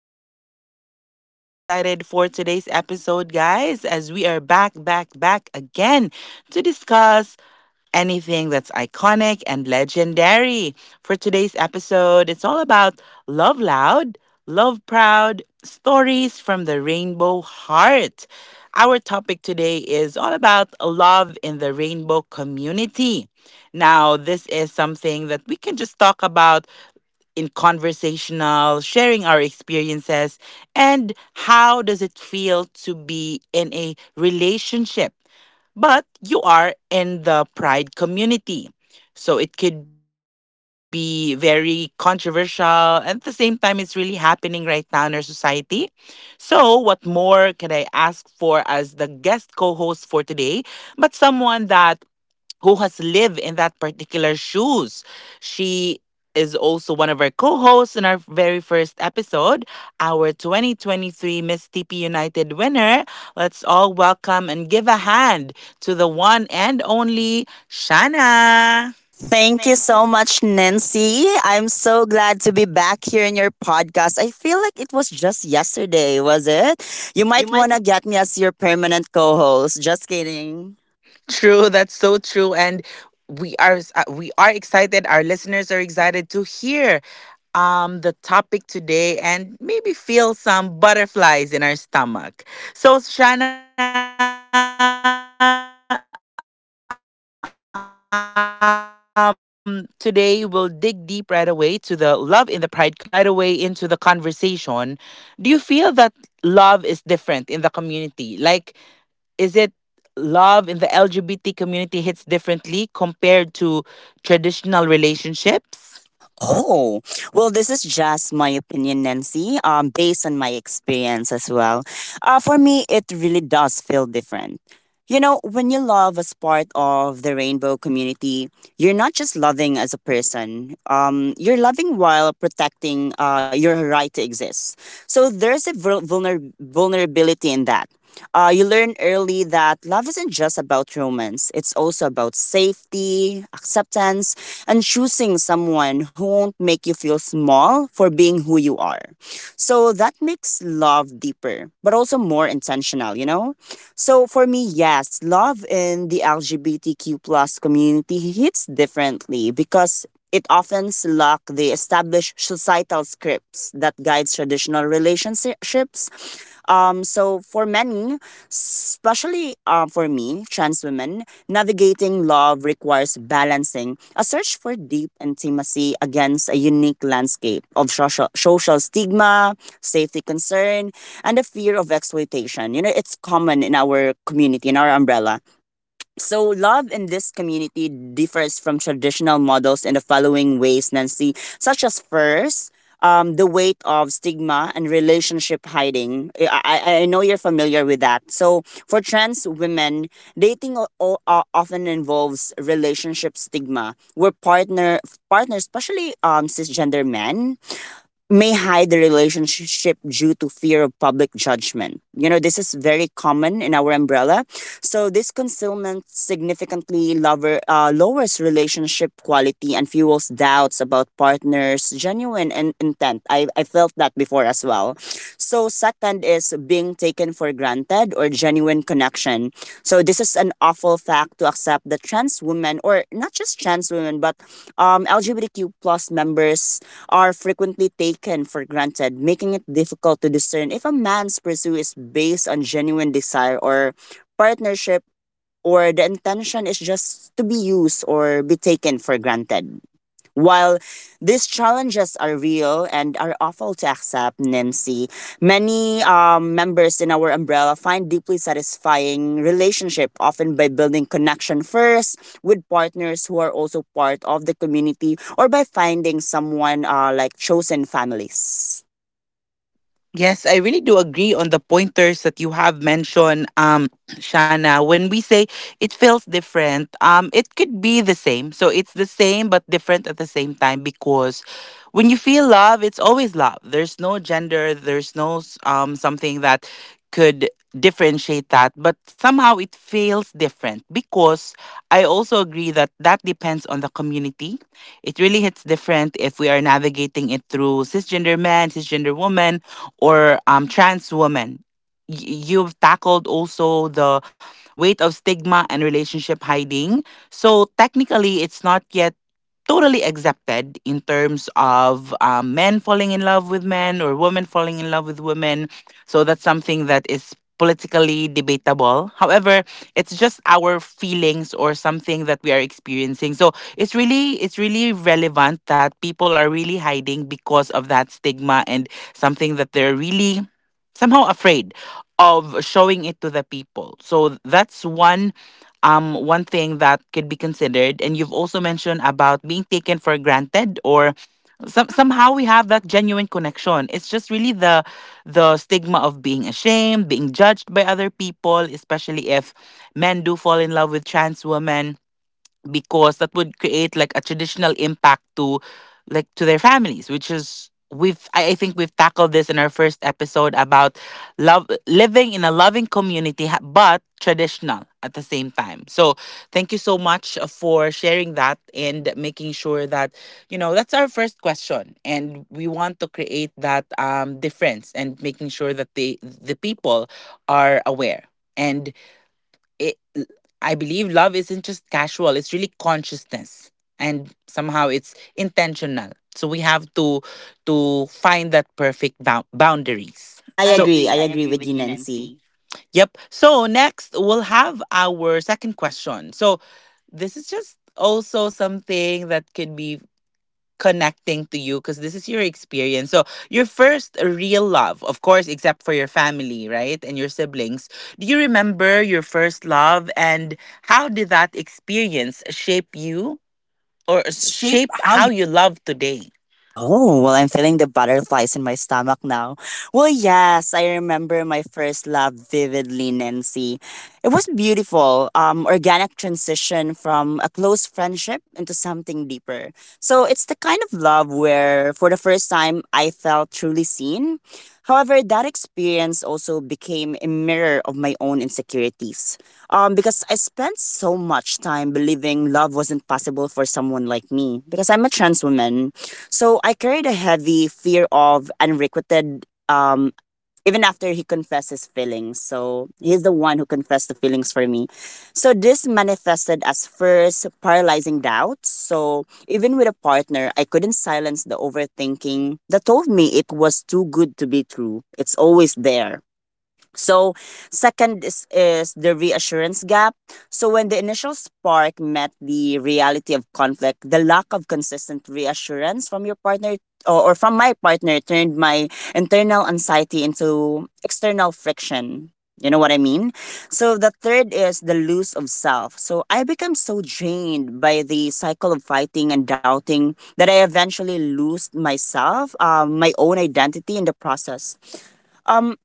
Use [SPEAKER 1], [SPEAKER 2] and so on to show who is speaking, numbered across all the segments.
[SPEAKER 1] K. I am so excited for today's episode, guys, as we are back, back, back again to discuss anything that's iconic and legendary. For today's episode, it's all about love loud, love proud, stories from the rainbow heart. Our topic today is all about love in the rainbow community. Now, this is something that we can just talk about in conversational, sharing our experiences, and how does it feel to be in a relationship but you are in the pride community. So it could be very controversial. And At the same time, it's really happening right now in our society. So, what more can I ask for as the guest co host for today? But someone that who has lived in that particular shoes. She is also one of our co-hosts in our very first episode, our 2023 Miss TP United winner. Let's all welcome and give a hand to the one and only Shanna.
[SPEAKER 2] Thank you
[SPEAKER 1] Thank you.
[SPEAKER 2] so much, Nancy. I'm so glad to be back here in your podcast. I feel like it was just yesterday, was it? You
[SPEAKER 1] You
[SPEAKER 2] might
[SPEAKER 1] might
[SPEAKER 2] want to get me as your permanent co host. Just kidding.
[SPEAKER 1] true, that's so true, and we are excited. Our listeners are excited to hear the topic today and maybe feel some butterflies in our stomach. So Shana, today we'll dig deep right away to the love in the pride community. And first question, like we'll dive right away into the conversation. Do you feel that love is different in the community? Like is it love in the LGBT community hits differently compared to traditional relationships?
[SPEAKER 2] Oh, well, this is just my opinion, Nancy, based on my experience as well. For me, it really does feel different. You know, when you love as part of the rainbow community, you're not just loving as a person, you're loving while protecting your right to exist. So there's a vulnerability in that. You learn early that love isn't just about romance, it's also about safety, acceptance, and choosing someone who won't make you feel small for being who you are. So that makes love deeper, but also more intentional, you know? So for me, yes, love in the LGBTQ plus community hits differently because it often lacks the established societal scripts that guides traditional relationships. So for many, especially for me, trans women, navigating love requires balancing a search for deep intimacy against a unique landscape of social stigma, safety concern, and the fear of exploitation. You know, it's common in our community, in our umbrella. So, love in this community differs from traditional models in the following ways, Nancy, such as first, the weight of stigma and relationship hiding. I know you're familiar with that. So, for trans women, dating often involves relationship stigma, where partners, especially cisgender men, may hide the relationship due to fear of public judgment. You know, this is very common in our umbrella. So this concealment lowers relationship quality and fuels doubts about partners' genuine and intent. I felt that before as well. So second is being taken for granted or genuine connection. So this is an awful fact to accept that trans women or not just trans women but LGBTQ plus members are frequently taken for granted, making it difficult to discern if a man's pursuit is based on genuine desire or partnership or the intention is just to be used or be taken for granted. While these challenges are real and are awful to accept, Nancy, many members in our umbrella find deeply satisfying relationship, often by building connection first with partners who are also part of the community or by finding someone like chosen families.
[SPEAKER 1] Yes, I really do agree on the pointers that you have mentioned, Shana. When we say it feels different, it could be the same. So it's the same but different at the same time because when you feel love, it's always love. There's no gender. There's no something that could differentiate that. But somehow it feels different because I also agree that that depends on the community. It really hits different if we are navigating it through cisgender men, cisgender women or trans women. You've tackled also the weight of stigma and relationship hiding. So technically, it's not yet totally accepted in terms of men falling in love with men or women falling in love with women. So that's something that is politically debatable. However, it's just our feelings or something that we are experiencing, so it's really relevant that people are really hiding because of that stigma and something that they're really somehow afraid of showing it to the people. So that's one thing that could be considered. And you've also mentioned about being taken for granted or somehow we have that genuine connection. It's just really the stigma of being ashamed, being judged by other people, especially if men do fall in love with trans women, because that would create like a traditional impact to like to their families, which is we've I think we've tackled this in our first episode about love living in a loving community but traditional at the same time. So thank you so much for sharing that and making sure that you know that's our first question, and we want to create that difference and making sure that the people are aware. And it, I believe love isn't just casual, it's really consciousness and somehow it's intentional, so we have to find that perfect boundaries.
[SPEAKER 2] I
[SPEAKER 1] I so
[SPEAKER 2] agree.
[SPEAKER 1] agree.
[SPEAKER 2] I
[SPEAKER 1] I
[SPEAKER 2] agree
[SPEAKER 1] agree
[SPEAKER 2] with
[SPEAKER 1] with
[SPEAKER 2] you,
[SPEAKER 1] you,
[SPEAKER 2] Nancy.
[SPEAKER 1] Nancy. Yep. So next we'll have our second question. So this is just also something that could be connecting to you because this is your experience. So, your first real love, of course, except for your family, right? And your siblings. Do you remember your first love and how did that experience shape you
[SPEAKER 2] Or
[SPEAKER 1] or
[SPEAKER 2] shape
[SPEAKER 1] shape
[SPEAKER 2] how.
[SPEAKER 1] how you love today?
[SPEAKER 2] Oh, well, I'm feeling the butterflies in my stomach now. Well, yes, I remember my first love vividly, Nancy. It was beautiful, organic transition from a close friendship into something deeper. So it's the kind of love where, for the first time, I felt truly seen. However, that experience also became a mirror of my own insecurities. Because I spent so much time believing love wasn't possible for someone like me, because I'm a trans woman so I carried a heavy fear of unrequited, even after he confessed his feelings. So he's the one who confessed the feelings for me. So this manifested as first paralyzing doubts. So even with a partner, I couldn't silence the overthinking that told me it was too good to be true. It's always there. So, second is the reassurance gap. So, when the initial spark met the reality of conflict, the lack of consistent reassurance from your partner or from my partner turned my internal anxiety into external friction. You know what I mean? So, the third is the lose of self. So, I become so drained by the cycle of fighting and doubting that I eventually lose myself, my own identity in the process. Um,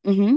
[SPEAKER 2] mhm.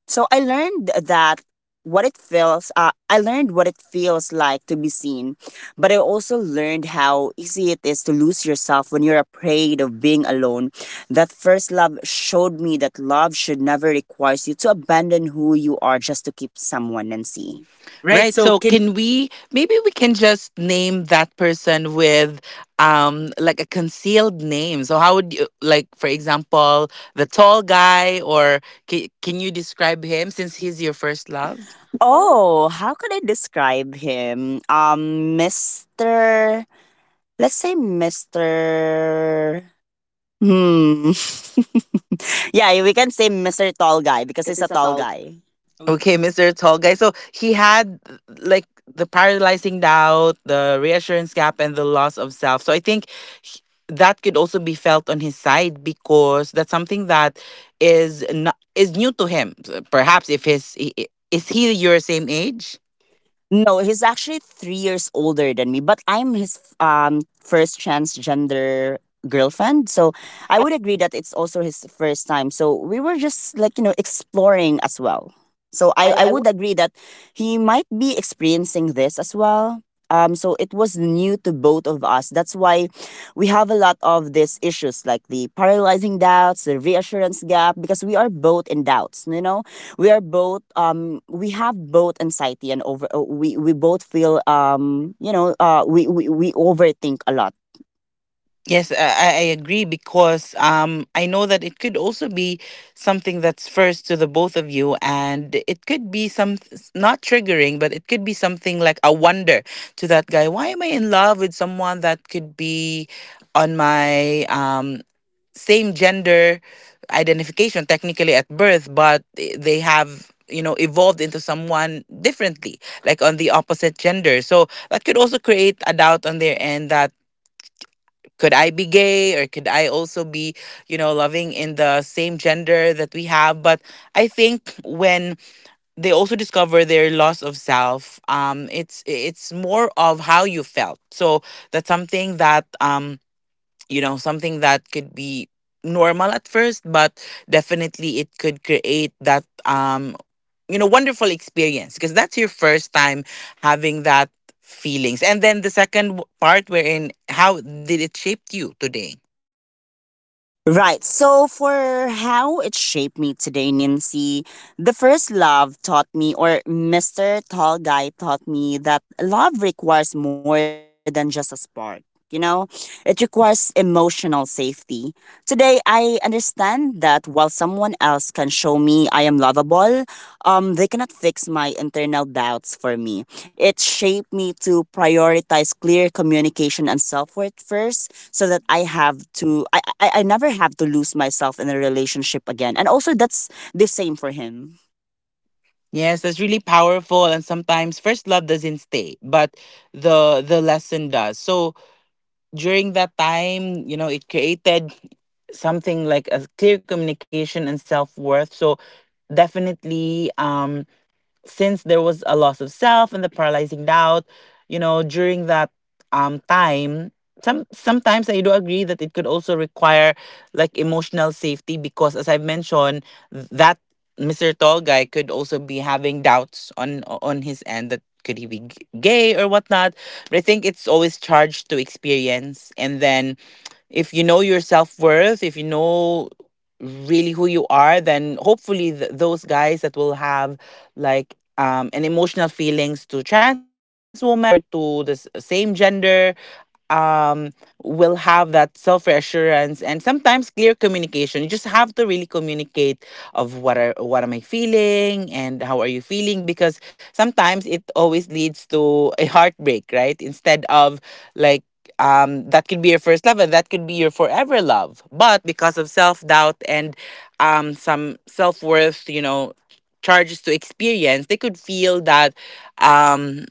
[SPEAKER 2] So I learned that what it feels I learned what it feels like to be seen, but I also learned how easy it is to lose yourself when you're afraid of being alone. That first love showed me that love should never require you to abandon who you are just to keep someone and
[SPEAKER 1] And
[SPEAKER 2] see. Right,
[SPEAKER 1] Right.
[SPEAKER 2] so
[SPEAKER 1] So
[SPEAKER 2] can
[SPEAKER 1] can we maybe we can just name that person with like a concealed name. So how would you like, for example, the tall guy, or can you describe him since he's your first
[SPEAKER 2] love?
[SPEAKER 1] love?
[SPEAKER 2] Oh, how could I describe him? Um, Mr. Let's say Mr. Hmm. yeah, we can say Mr. Tall Guy because
[SPEAKER 1] Because
[SPEAKER 2] he's a
[SPEAKER 1] it's a
[SPEAKER 2] tall
[SPEAKER 1] tall.
[SPEAKER 2] guy.
[SPEAKER 1] Okay, Mr. Tall Guy. So he had like the paralyzing doubt, the reassurance gap, and the loss of self. So I think he- that could also be felt on his side because that's something that is not, is new to him. Perhaps if his is he your same age?
[SPEAKER 2] No, he's actually 3 years older than me, but I'm his first transgender girlfriend. So
[SPEAKER 1] So
[SPEAKER 2] I would agree that it's also his first time. So we were just like, you know, exploring as well. So I,
[SPEAKER 1] I,
[SPEAKER 2] I
[SPEAKER 1] I
[SPEAKER 2] would agree that he might be experiencing this as well. So it was new to both of us. That's why we have a lot of these issues like the paralyzing doubts, the reassurance gap, because we are both in doubts, you know? We are both we have both anxiety and over we both feel we overthink a lot.
[SPEAKER 1] yes, I agree because I know that it could also be something that's first to the both of you, and it could be some not triggering, but it could be something like a wonder to that guy. Why am I in love with someone that could be on my same gender identification technically at birth, but they have you know evolved into someone differently, like on the opposite gender. So that could also create a doubt on their end that could I be gay or could I also be, you know, loving in the same gender that we have? But I think when they also discover their loss of self, it's more of how you felt. So that's something that you know, something that could be normal at first, but definitely it could create that you know wonderful experience, because that's your first time having that feelings. And then the second part, wherein how did it shape you today?
[SPEAKER 2] Right. So for how it shaped me today, Nancy, the first love taught me, or Mr. Tall Guy taught me, that love requires more than just a spark. You know, it requires emotional safety. Today, I understand that while someone else can show me I am lovable, they cannot fix my internal doubts for me. It shaped me to prioritize clear communication and self worth first so that I never have to lose myself in a relationship again. And also that's the same for him.
[SPEAKER 1] Yes, that's really powerful, and sometimes first love doesn't stay but the lesson does. So during that time, you know, it created something like a clear communication and self worth. So definitely, since there was a loss of self and the paralyzing doubt, you know, during that time, sometimes I do agree that it could also require like emotional safety because as I've mentioned, that Mr. Tall guy could also be having doubts on his end, that could he be gay or whatnot. But I think it's always charged to experience. And then if you know your self worth, if you know really who you are, then hopefully those guys that will have like an emotional feelings to trans women or to the same gender um, will have that self reassurance and sometimes clear communication. You just have to really communicate of what am I feeling and how are you feeling, because sometimes it always leads to a heartbreak, right? Instead of like that could be your first love and that could be your forever love, but because of self-doubt and some self-worth, you know, charges to experience, they could feel that um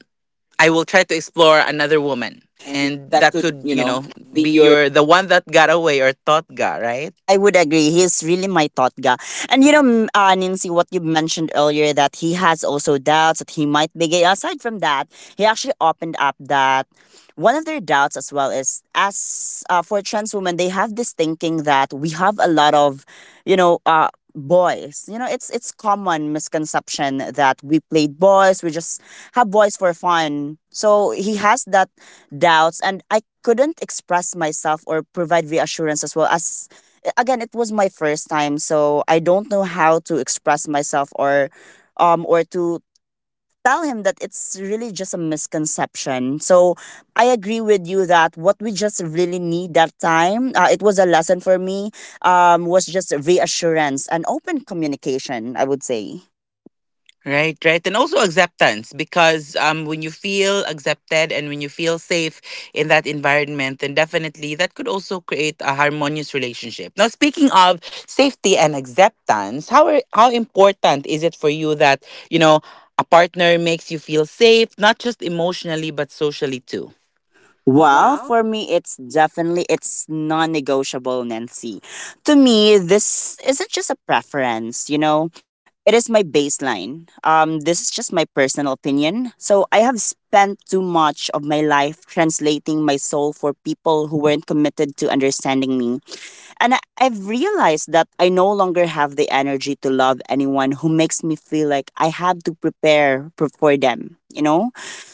[SPEAKER 1] I will try to explore another woman.
[SPEAKER 2] And
[SPEAKER 1] And
[SPEAKER 2] that
[SPEAKER 1] that
[SPEAKER 2] could,
[SPEAKER 1] could,
[SPEAKER 2] you
[SPEAKER 1] you
[SPEAKER 2] know,
[SPEAKER 1] know,
[SPEAKER 2] be
[SPEAKER 1] be
[SPEAKER 2] your.
[SPEAKER 1] your the one that got away or thought got,
[SPEAKER 2] Right.
[SPEAKER 1] right?
[SPEAKER 2] I would agree. He's really my thought guy. And you know, Nancy, what you mentioned earlier that he has also doubts that he might be gay. Aside from that, he actually opened up that one of their doubts as well is as for trans women, they have this thinking that we have a lot of, you know, uh, boys. You know, it's common misconception that we played boys. We just have boys for fun. So he has that doubts, and I couldn't express myself or provide reassurance as well as again it was my first time so I don't know how to express myself, or to tell him that it's really just a misconception. So I agree with you that what we just really need that time, it was a lesson for me, was just reassurance and open communication, I would say.
[SPEAKER 1] Right, right. And also acceptance, because when you feel accepted and when you feel safe in that environment, then definitely that could also create a harmonious relationship. Now speaking of safety and acceptance, how are, how important is it for you that, you know, a partner makes you feel safe, not just emotionally but socially too?
[SPEAKER 2] Well,
[SPEAKER 1] Wow.
[SPEAKER 2] for me, it's definitely it's non-negotiable, Nancy. To me, this isn't just a preference, you know. It is my baseline. This is just my personal opinion. So I have spent too much of my life translating my soul for people who weren't committed to understanding me. And I've realized that I no longer have the energy to love anyone who makes me feel like I have to prepare for them, you know?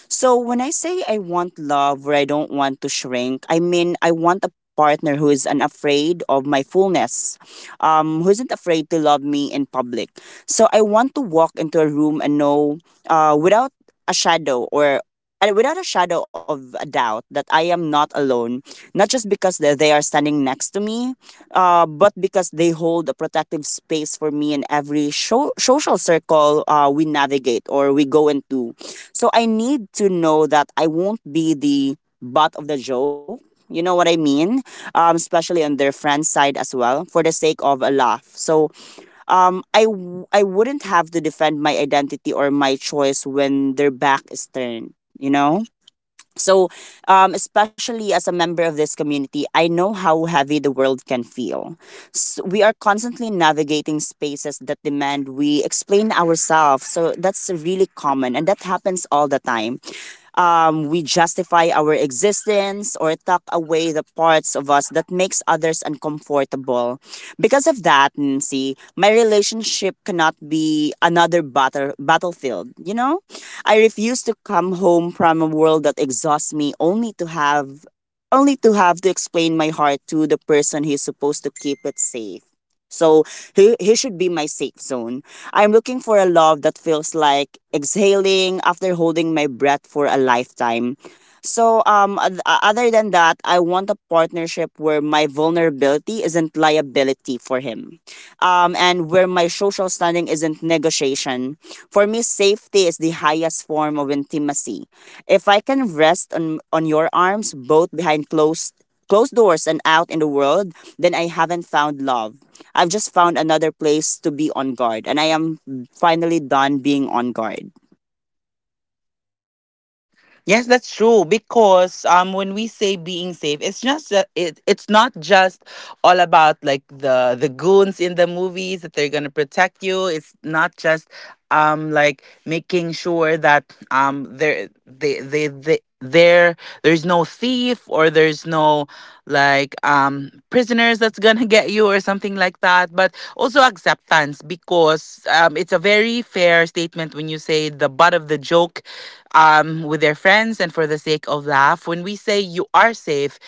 [SPEAKER 2] So when I say I want love or I don't want to shrink, I mean I want a partner who is unafraid of my fullness, who isn't afraid to love me in public. So I want to walk into a room and know, uh, without a shadow or without a shadow of a doubt that I am not alone, not just because they are standing next to me, but because they hold a protective space for me in every show, social circle we navigate or we go into. So I need to know that I won't be the butt of the joke. You know what I mean? Especially on their friend's side as well, for the sake of a laugh. So I wouldn't have to defend my identity or my choice when their back is turned, you know? So, Especially as a member of this community, I know how heavy the world can feel. S we are constantly navigating spaces that demand we explain ourselves. So that's really common, and that happens all the time. We justify our existence or tuck away the parts of us that makes others uncomfortable. Because of that, Nancy, my relationship cannot be another battlefield. You know, I refuse to come home from a world that exhausts me, only to have to explain my heart to the person who's supposed to keep it safe. So he should be my safe zone. I'm looking for a love that feels like exhaling after holding my breath for a lifetime. Other than that, I want a partnership where my vulnerability isn't liability for him, and where my social standing isn't negotiation. For me, safety is the highest form of intimacy. If I can rest on your arms, both behind closed doors and out in the world, then I haven't found love. I've just found another place to be on guard, and I am finally done being on guard.
[SPEAKER 1] Yes, that's true. Because when we say being safe, it's just it's not just all about like the goons in the movies that they're gonna protect you. It's not just like making sure that there they there there's no thief or there's no like prisoners that's gonna get you or something like that, but also acceptance, because it's a very fair statement when you say the butt of the joke with their friends and for the sake of laugh. When we say you are safe,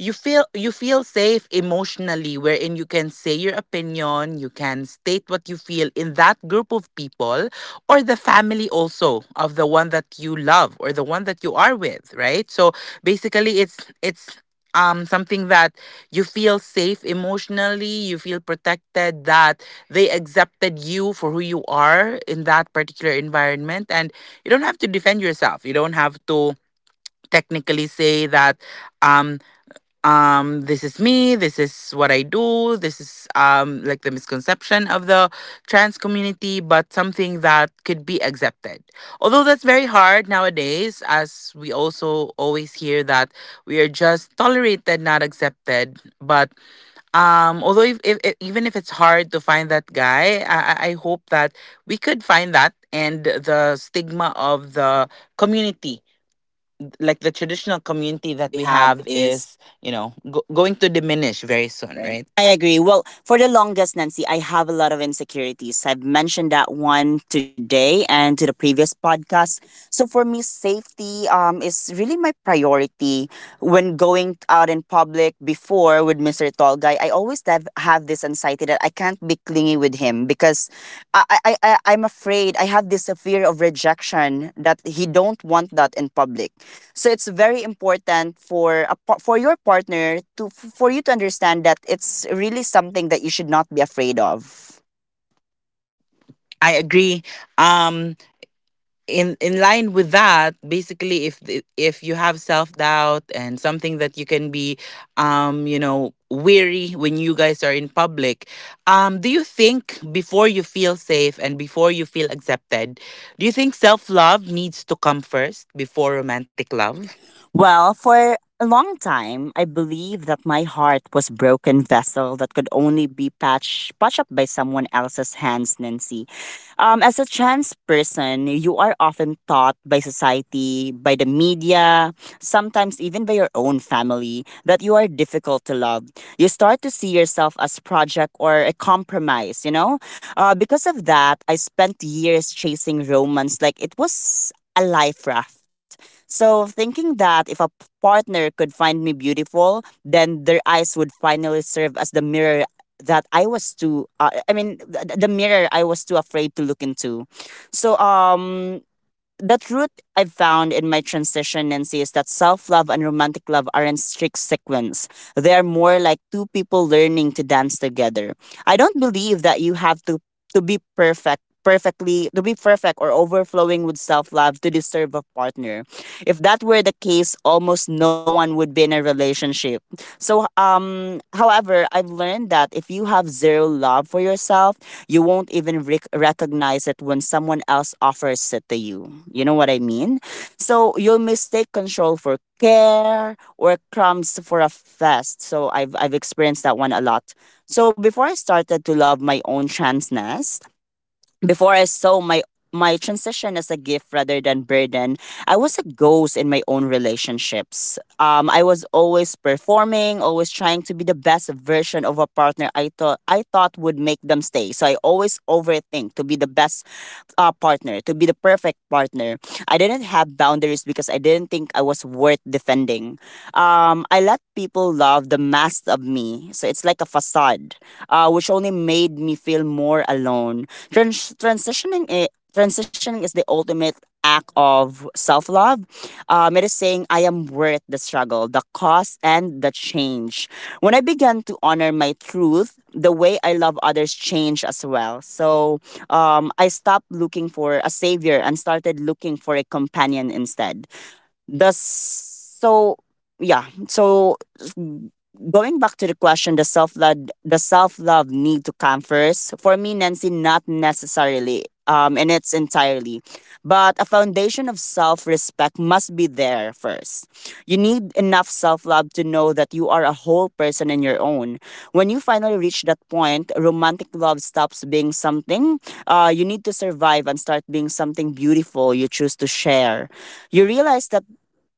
[SPEAKER 1] you feel safe emotionally, wherein you can say your opinion, you can state what you feel in that group of people or the family also of the one that you love or the one that you are with, right? So basically it's something that you feel safe emotionally, you feel protected that they accepted you for who you are in that particular environment, and you don't have to defend yourself, you don't have to technically say that um this is me, this is what I do, this is like the misconception of the trans community, but something that could be accepted. Although that's very hard nowadays, as we also always hear that we are just tolerated, not accepted. But although even if it's hard to find that guy, I hope that we could find that, and the stigma of the community, like the traditional community
[SPEAKER 2] That
[SPEAKER 1] that
[SPEAKER 2] we
[SPEAKER 1] we
[SPEAKER 2] have
[SPEAKER 1] have,
[SPEAKER 2] is
[SPEAKER 1] is you know going to diminish
[SPEAKER 2] very
[SPEAKER 1] very
[SPEAKER 2] soon,
[SPEAKER 1] soon,
[SPEAKER 2] right?
[SPEAKER 1] right?
[SPEAKER 2] I agree. Well, for the longest, Nancy, I have a lot of insecurities. I've mentioned that one today and to the previous podcast. So for me, safety is really my priority when going out in public. Before with Mister Tall Guy, I always have this anxiety that I can't be clingy with him because I'm afraid. I have this fear of rejection that he don't want that in public. So it's very important for for your partner to for you to understand that it's really something that you should not be afraid of.
[SPEAKER 1] I agree. Um, in line with that, basically, if you have self doubt and something that you can be weary when you guys are in public. Do you think before you feel safe and before you feel accepted, do you think self love needs to come first before romantic love?
[SPEAKER 2] Well, for a long time, I believed that my heart was broken vessel that could only be patched up by someone else's hands, Nancy. As a trans person, you are often taught by society, by the media, sometimes even by your own family, that you are difficult to love. You start to see yourself as project or a compromise, you know? Because of that, I spent years chasing romance like it was a life raft. So, thinking that if a partner could find me beautiful, then their eyes would finally serve as the mirror that I was too, I mean, th- th- The mirror I was too afraid to look into. So, the truth I've found in my transition, Nancy, is that self love and romantic love aren't strict sequence. They are more like two people learning to dance together. I don't believe that you have to be perfect perfectly to be perfect or overflowing with self-love to deserve a partner. If that were the case, almost no one would be in a relationship. So, however, I've learned that if you have zero love for yourself, you won't even recognize it when someone else offers it to you. You know what I mean? So you'll mistake control for care or crumbs for a fest. So I've experienced that one a lot. So before I started to love my own transness, before I saw my transition as a gift rather than burden, I was a ghost in my own relationships. I was always performing, always trying to be the best version of a partner I thought would make them stay. So I always overthink to be the best partner, to be the perfect partner. I didn't have boundaries because I didn't think I was worth defending. I let people love the mask of me, so it's like a facade, which only made me feel more alone. Trans- transitioning it. Transitioning is the ultimate act of self love. It is saying I am worth the struggle, the cost, and the change. When I began to honor my truth, the way I love others changed as well. So, I stopped looking for a savior and started looking for a companion instead. The so yeah, so s- Going back to the question, the self love need to come first. For me, Nancy, not necessarily. In its entirely, but a foundation of self respect must be there first. You need enough self love to know that you are a whole person in your own. When you finally reach that point, romantic love stops being something you need to survive and start being something beautiful you choose to share. You realize that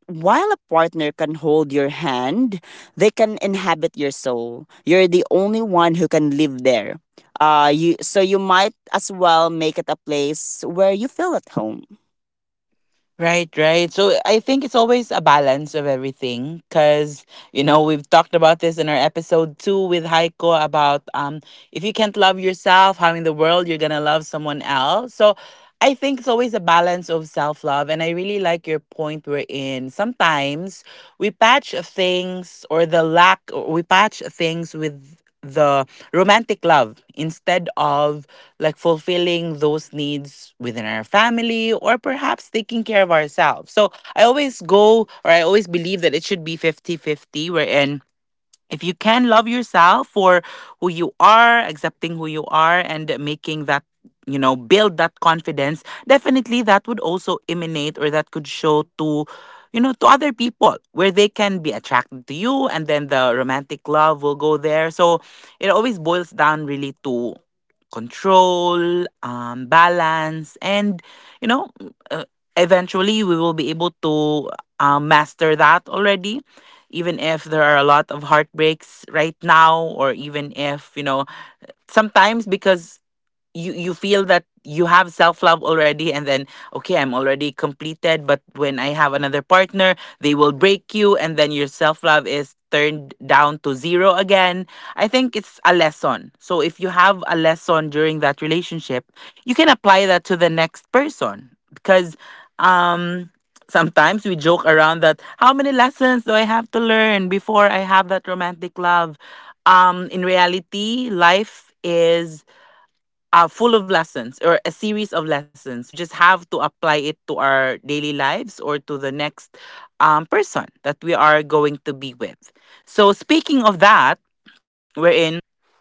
[SPEAKER 2] while a partner can hold your hand, they can inhabit your soul. You're the only one who can live there. You so you might as well make it a place where you feel at home.
[SPEAKER 1] Right, right. So I think it's always a balance of everything because, you know, we've talked about this in our episode two with Heiko about if you can't love yourself, how in the world you're going to love someone else. So I think it's always a balance of self love. And I really like your point we're in. Sometimes we patch things or the lack, we patch things with the romantic love instead of like fulfilling those needs within our family or perhaps taking care of ourselves. So I always go or I always believe that it should be 50/50, wherein if you can love yourself for who you are, accepting who you are, and making that, you know, build that confidence, definitely that would also emanate or that could show to, you know, to other people where they can be attracted to you and then the romantic love will go there. So it always boils down really to control, balance, and, you know, uh, eventually we will be able to master that already, even if there are a lot of heartbreaks right now, or even if you know sometimes because you feel that you have self love already and then okay, I'm already completed, but when I have another partner, they will break you and then your self love is turned down to zero again. I think it's a lesson, so if you have a lesson during that relationship you can apply that to the next person, because um sometimes we joke around that how many lessons do I have to learn before I have that romantic love. In reality life is are full of lessons or a series of lessons. We just have to apply it to our daily lives or to the next person that we are going to be with. So, speaking of that, we're in.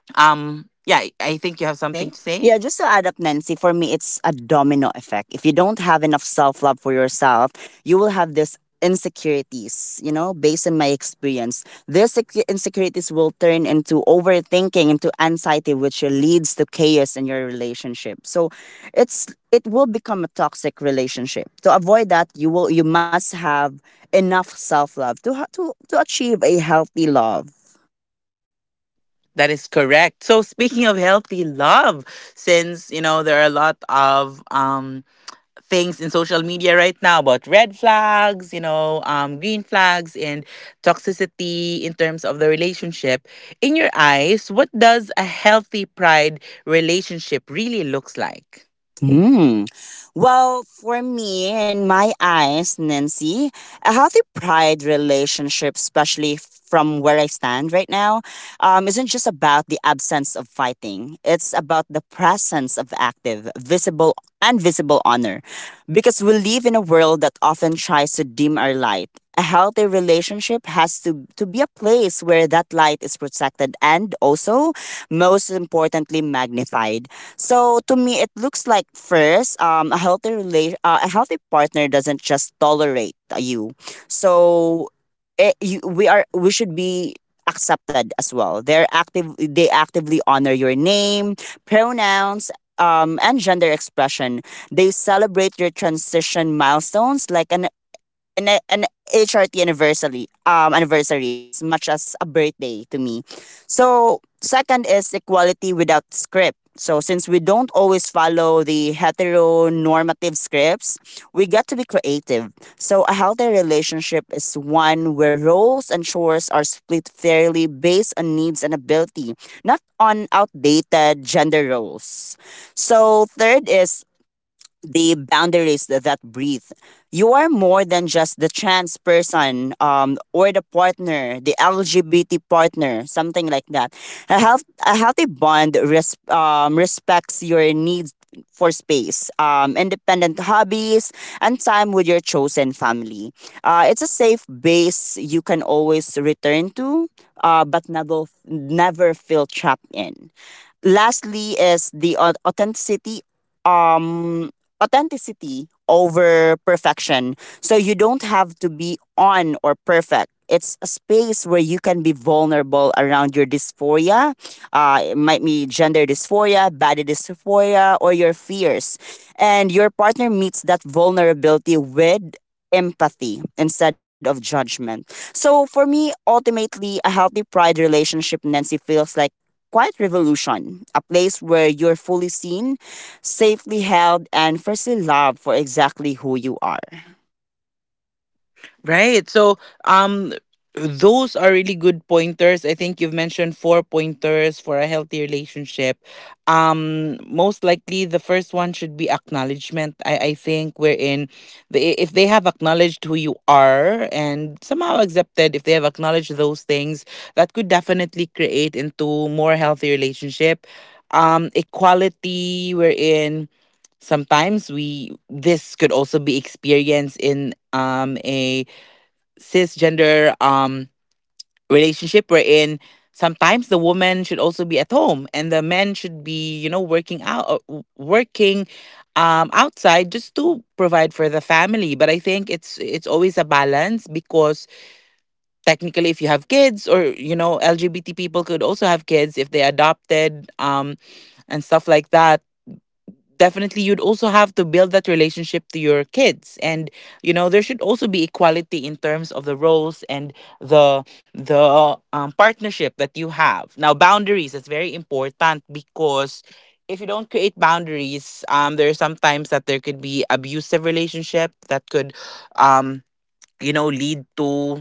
[SPEAKER 1] Yeah, I think you have something to
[SPEAKER 2] See?
[SPEAKER 1] say.
[SPEAKER 2] Yeah, just to add up, Nancy, for me, it's a domino effect. If you don't have enough self love for yourself, you will have this insecurities, you know, based on my experience. These insecurities will turn into overthinking, into anxiety, which leads to chaos in your relationship. So it will become a toxic relationship. To avoid that, you must have enough self love to to achieve a healthy love.
[SPEAKER 1] That is correct. So speaking of healthy love, since you know there are a lot of things in social media right now about red flags, you know, green flags and toxicity in terms of the relationship, in your eyes, what does a healthy pride relationship really looks like?
[SPEAKER 2] Hmm. Well, for me, in my eyes, Nancy, a healthy pride relationship, especially from where I stand right now, isn't just about the absence of fighting. It's about the presence of active, visible honor. Because we live in a world that often tries to dim our light. A healthy relationship has to be a place where that light is protected and also, most importantly, magnified. So to me, it looks like first, a healthy partner doesn't just tolerate you. So it, you, we are we should be accepted as well. They're active. They actively honor your name, pronouns, and gender expression. They celebrate your transition milestones like an HRT anniversary as much as a birthday to me. So second is equality without script. So since we don't always follow the heteronormative scripts, we get to be creative. So a healthy relationship is one where roles and chores are split fairly based on needs and ability, not on outdated gender roles. So third is the boundaries that breathe. You are more than just the trans person or the partner, the LGBT partner, something like that. A healthy bond respects your needs for space, independent hobbies, and time with your chosen family. It's a safe base you can always return to, but never, never feel trapped in. Lastly is the um authenticity over perfection. So you don't have to be on or perfect. It's a space where you can be vulnerable around your dysphoria. It might be gender dysphoria, body dysphoria, or your fears. And your partner meets that vulnerability with empathy instead of judgment. So for me, ultimately, a healthy pride relationship, Nancy, feels like quiet revolution, a place where you're fully seen, safely held, and firstly loved for exactly who you are.
[SPEAKER 1] Right. So, um, those are really good pointers. I think you've mentioned four pointers for a healthy relationship. Most likely the first one should be acknowledgement. I think wherein they, if they have acknowledged who you are and somehow accepted, if they have acknowledged those things, that could definitely create into more healthy relationship. Equality, wherein sometimes we this could also be experienced in a cisgender relationship wherein sometimes the woman should also be at home and the men should be you know working out working outside just to provide for the family. But I think it's always a balance because technically if you have kids or you know LGBT people could also have kids if they adopted, and stuff like that, definitely you'd also have to build that relationship to your kids, and you know there should also be equality in terms of the roles and the partnership that you have now. Boundaries, that's very important, because if you don't create boundaries, there are sometimes that there could be abusive relationship that could, um you know, lead to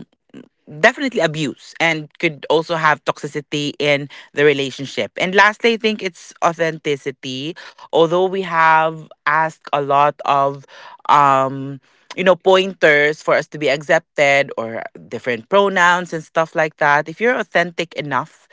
[SPEAKER 1] definitely abuse and could also have toxicity in the relationship. And lastly, I think it's authenticity. Although we have asked a lot of um pointers for us to be accepted or different pronouns and stuff like that, if you're authentic enough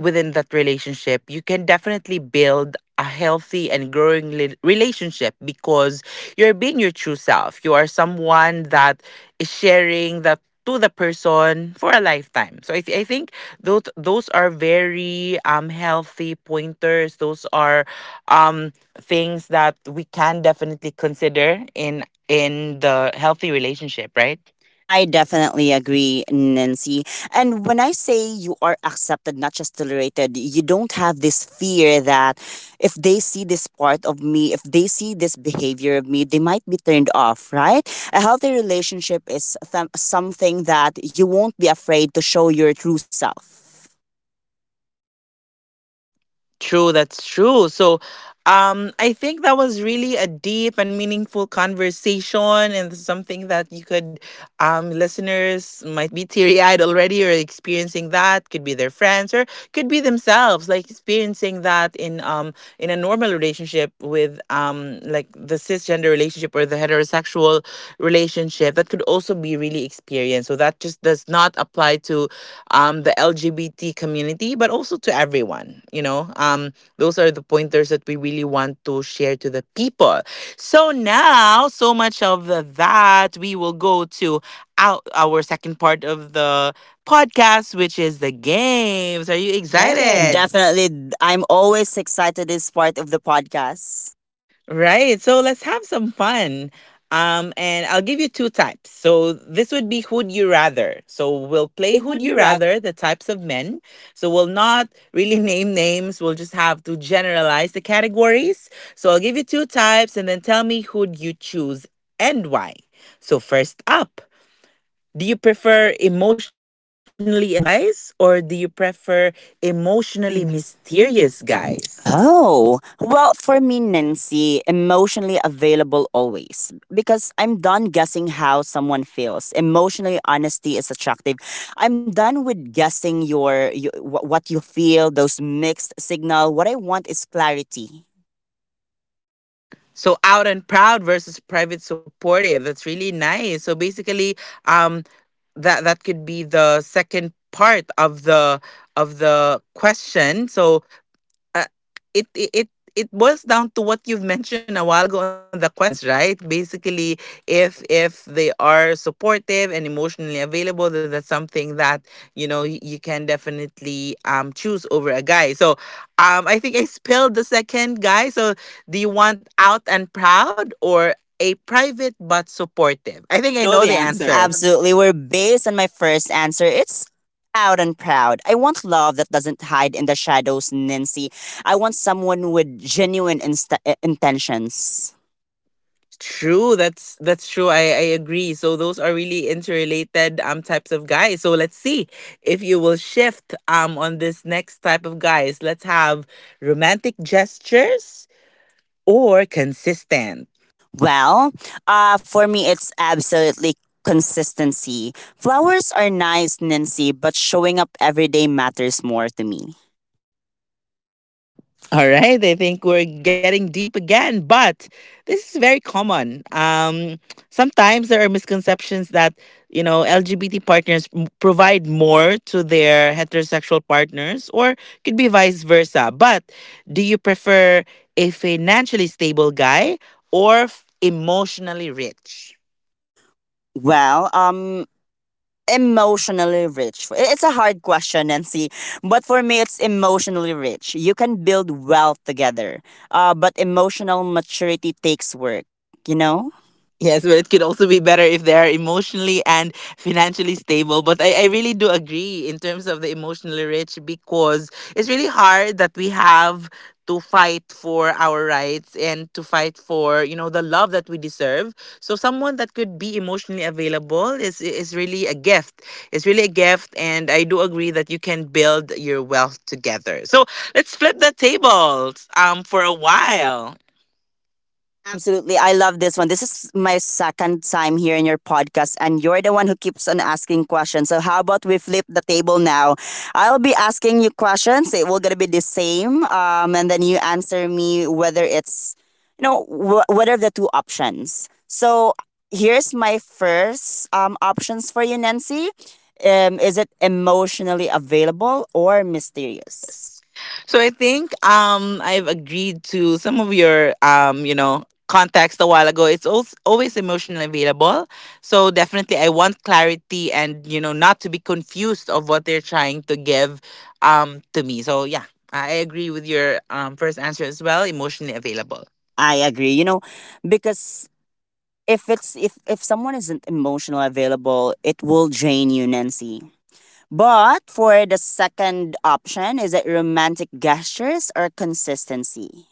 [SPEAKER 1] within that relationship, you can definitely build a healthy and growing relationship because you're being your true self. You are someone that is sharing that to the person for a lifetime. So I think those are very healthy pointers. Those are things that we can definitely consider in the healthy relationship, right?
[SPEAKER 2] I definitely agree, Nancy. And when I say you are accepted, not just tolerated, you don't have this fear that if they see this part of me, if they see this behavior of me, they might be turned off, right? A healthy relationship is something that you won't be afraid to show your true self.
[SPEAKER 1] True, that's true. So, I think that was really a deep and meaningful conversation, and something that you could, listeners might be teary eyed already or experiencing that. Could be their friends or could be themselves, like experiencing that in a normal relationship with like the cisgender relationship or the heterosexual relationship. That could also be really experienced. So that just does not apply to the LGBT community, but also to everyone. You know, those are the pointers that we really want to share to the people. So now, so much of the, that, we will go to out our second part of the podcast, which is the games. Are you
[SPEAKER 2] Excited.
[SPEAKER 1] excited?
[SPEAKER 2] Definitely. I'm always excited this part of the podcast.
[SPEAKER 1] Right. So let's have some fun. And I'll give you two types. So this would be Who'd You Rather. So we'll play
[SPEAKER 2] Clay,
[SPEAKER 1] Who'd
[SPEAKER 2] would
[SPEAKER 1] You
[SPEAKER 2] you rather
[SPEAKER 1] Rather, the types of men. So we'll not really name names. We'll just have to generalize the categories. So I'll give you two types and then tell me who'd you choose and why. So first up, do you prefer emotionally available guys, or do you prefer emotionally
[SPEAKER 2] emotionally
[SPEAKER 1] mysterious
[SPEAKER 2] mysterious guy?
[SPEAKER 1] guys?
[SPEAKER 2] Oh, well, for me, Nancy, emotionally available always. Because I'm done guessing how someone feels. Emotionally, honesty is attractive. I'm done with guessing what you feel, those mixed signal. What I want is clarity.
[SPEAKER 1] So out and proud versus private supportive. That's really nice. So basically, um, that could be the second part of the question. So uh, it boils down to what you've mentioned a while ago on the questions, right? Basically, if they are supportive and emotionally available, then that's something that you know you can definitely choose over a guy. So, I think I spelled the second guy. So, do you want out and proud or a private but supportive?
[SPEAKER 2] I
[SPEAKER 1] I
[SPEAKER 2] think I
[SPEAKER 1] think I
[SPEAKER 2] know
[SPEAKER 1] know
[SPEAKER 2] the
[SPEAKER 1] the
[SPEAKER 2] answer.
[SPEAKER 1] answer.
[SPEAKER 2] Absolutely. We're based on my first answer. It's out and proud. I want love that doesn't hide in the shadows, Nancy. I want someone with genuine intentions.
[SPEAKER 1] True, that's true. I agree. So those are really interrelated types of guys. So let's see if you will shift on this next type of guys. Let's have romantic gestures or consistent.
[SPEAKER 2] Well, for me, it's absolutely consistency. Flowers are nice, Nancy, but showing up every day matters more to me.
[SPEAKER 1] All right, I think we're getting deep again, but this is very common. Sometimes there are misconceptions that you know LGBT partners provide more to their heterosexual partners, or could be vice versa. But do you prefer a financially stable guy or emotionally rich?
[SPEAKER 2] Well, emotionally rich? It's a hard question, Nancy. But for me, it's emotionally rich. You can build wealth together, but emotional maturity takes work, you
[SPEAKER 1] No?
[SPEAKER 2] know?
[SPEAKER 1] Yes, but it could also be better if they are emotionally and financially stable.
[SPEAKER 2] Stable,
[SPEAKER 1] But
[SPEAKER 2] but I,
[SPEAKER 1] I
[SPEAKER 2] I
[SPEAKER 1] really do agree in terms of the emotionally rich because it's really hard that we have to fight for our rights and to fight for, you know, the love that we deserve. So someone that could be emotionally available is really a gift. It's really a gift, and I do agree that you can build your wealth together. So let's flip the tables
[SPEAKER 2] for
[SPEAKER 1] for
[SPEAKER 2] a
[SPEAKER 1] a
[SPEAKER 2] while.
[SPEAKER 1] while.
[SPEAKER 2] Absolutely. I love this one. This is my second time here in your podcast, and you're the one who keeps on asking questions. So, how about we flip the table now? I'll be asking you questions. It will going to be the same. And then you answer me whether it's, you know, what are the two options? So, here's my first options for you, Nancy. Is it emotionally available or mysterious?
[SPEAKER 1] Yes. So I think I've agreed to some of your context a while ago. It's also always emotionally available. So definitely I want clarity and you know not to be confused of what they're trying to give to me. So yeah, I agree with your first answer as well, emotionally available.
[SPEAKER 2] I agree. You know, because if it's if someone isn't emotional available, it will drain you, Nancy. But for the second option, is it romantic gestures or consistency?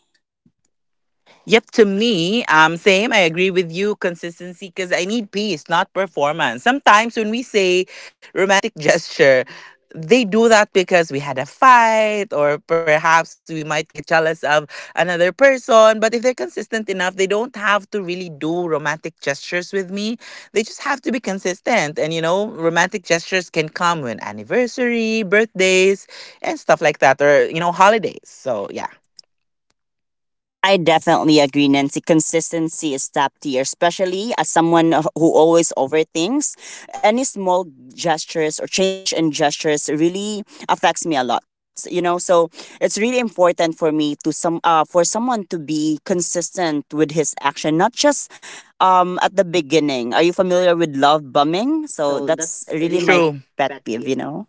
[SPEAKER 1] Yep, to me, same. I agree with you. Consistency, because I need peace, not performance. Sometimes when we say romantic gesture, they do that because we had a fight, or perhaps we might get jealous of another person. But if they're consistent enough, they don't have to really do romantic gestures with me. They just have to be consistent. And you know, romantic gestures can come when anniversary, birthdays, and stuff like that, or you know, holidays. So yeah,
[SPEAKER 2] I definitely agree, Nancy. Consistency is top tier, especially as someone who always overthinks. Any small gestures or change in gestures really affects me a lot. You know, so it's really important for me to some for someone to be consistent with his action, not just at the beginning. Are you familiar with love bombing? So
[SPEAKER 1] so
[SPEAKER 2] that's
[SPEAKER 1] that's
[SPEAKER 2] really
[SPEAKER 1] really my
[SPEAKER 2] my
[SPEAKER 1] true.
[SPEAKER 2] pet
[SPEAKER 1] Pet
[SPEAKER 2] peeve.
[SPEAKER 1] peeve.
[SPEAKER 2] You know.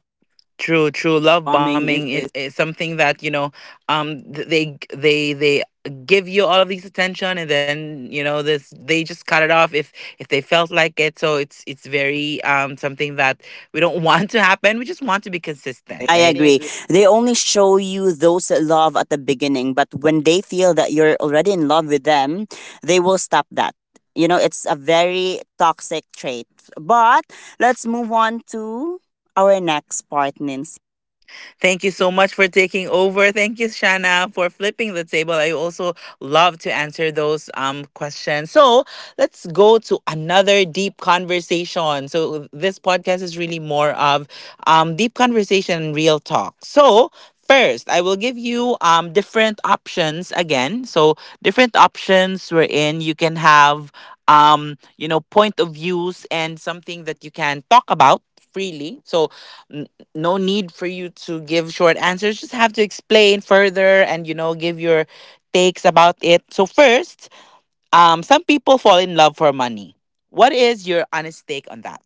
[SPEAKER 1] True,
[SPEAKER 2] So
[SPEAKER 1] true.
[SPEAKER 2] love
[SPEAKER 1] Love
[SPEAKER 2] bombing is
[SPEAKER 1] bombing is something that you know, um, th- they they give you all of these attention, and then you know this they just cut it off if they felt like it. So it's very something that we don't want to happen. We just want to be consistent,
[SPEAKER 2] I
[SPEAKER 1] right?
[SPEAKER 2] agree. They only show you those love at the beginning, but when they feel that you're already in love with them, they will stop that. You know, it's a very toxic trait. But let's move on to our next part, Nancy.
[SPEAKER 1] Thank you so much for taking over. Thank you, Shana, for flipping the table. I also love to answer those questions. So let's go to another deep conversation. So this podcast is really more of deep conversation and real talk. So first, I will give you different options again. So, different options wherein you can have, you know, point of views and something that you can talk about freely. So, mm, no need for you to give short answers. Just have to explain further, and you know give your takes about it. So first, some people fall in love for money. What is your honest take on that?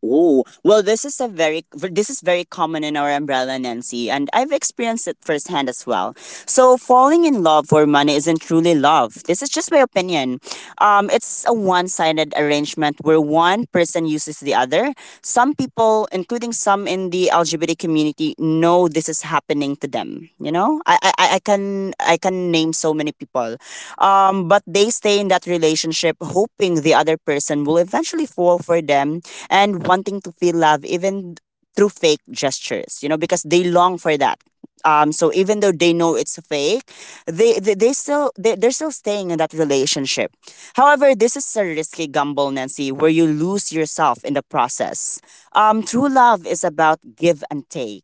[SPEAKER 2] Oh, well, this is very common in our umbrella, Nancy, and I've experienced it firsthand as well. So, falling in love for money isn't truly love. This is just my opinion. It's a one-sided arrangement where one person uses the other. Some people, including some in the LGBT community, know this is happening to them. You know, I can name so many people, but they stay in that relationship hoping the other person will eventually fall for them and wanting to feel love, even through fake gestures because they long for that. So even though they know it's fake, they're still staying in that relationship. However, this is a risky gamble, Nancy, where you lose yourself in the process. True love is about give and take.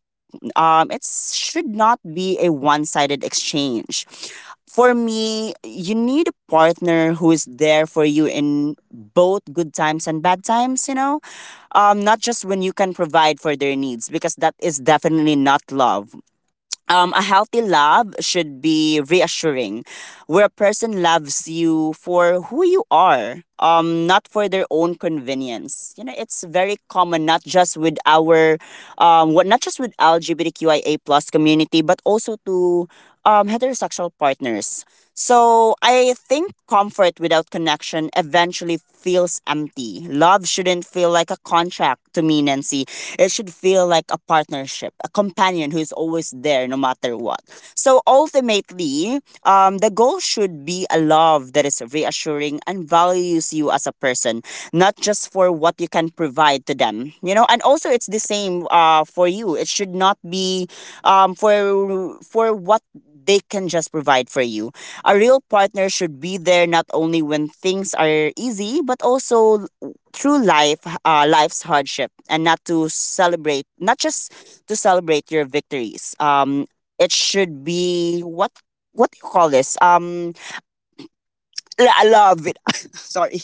[SPEAKER 2] It should not be a one sided exchange. For me, you need a partner who is there for you in both good times and bad times, you know? Not just when you can provide for their needs, because that is definitely not love. A healthy love should be reassuring, where a person loves you for who you are, not for their own convenience. You know, it's very common, not just with our, not just with LGBTQIA plus community, but also to heterosexual partners. So I think comfort without connection eventually feels empty. Love shouldn't feel like a contract to me, Nancy. It should feel like a partnership, a companion who's always there no matter what. So ultimately, the goal should be a love that is reassuring and values you as a person, not just for what you can provide to them. You know, and also it's the same for you. It should not be for what they can just provide for you. A real partner should be there not only when things are easy, but also through life's hardship, and not to celebrate, not just to celebrate your victories. It should be what do you call this? A love. With- sorry,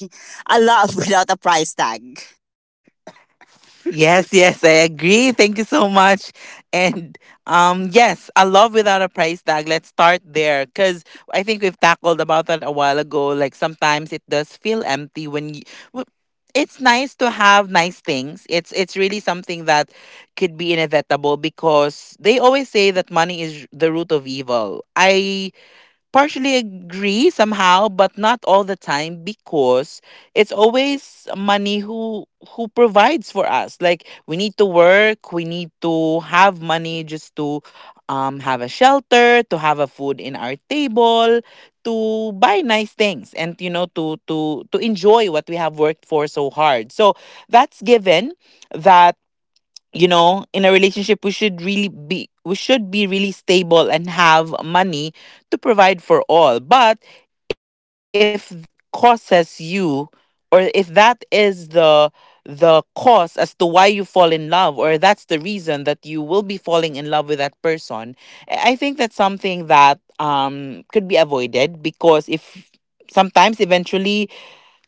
[SPEAKER 2] a love without a price tag.
[SPEAKER 1] Yes, yes, I agree. Thank you so much. And yes, a love without a price tag. Let's start there cuz I think we've tackled about that a while ago. Like sometimes it does feel empty when you w- it's nice to have nice things. It's really something that could be inevitable because they always say that money is the root of evil. I partially agree somehow, but not all the time because it's always money who provides for us. Like, we need to work, we need to have money just to have a shelter, to have a food in our table, to buy nice things, and you know, to enjoy what we have worked for so hard. So that's given. That, you know, in a relationship we should really be, we should be really stable and have money to provide for all. But if that causes you, or if that is the cause as to why you fall in love, or that's the reason that you will be falling in love with that person, I think that's something that could be avoided because if sometimes eventually,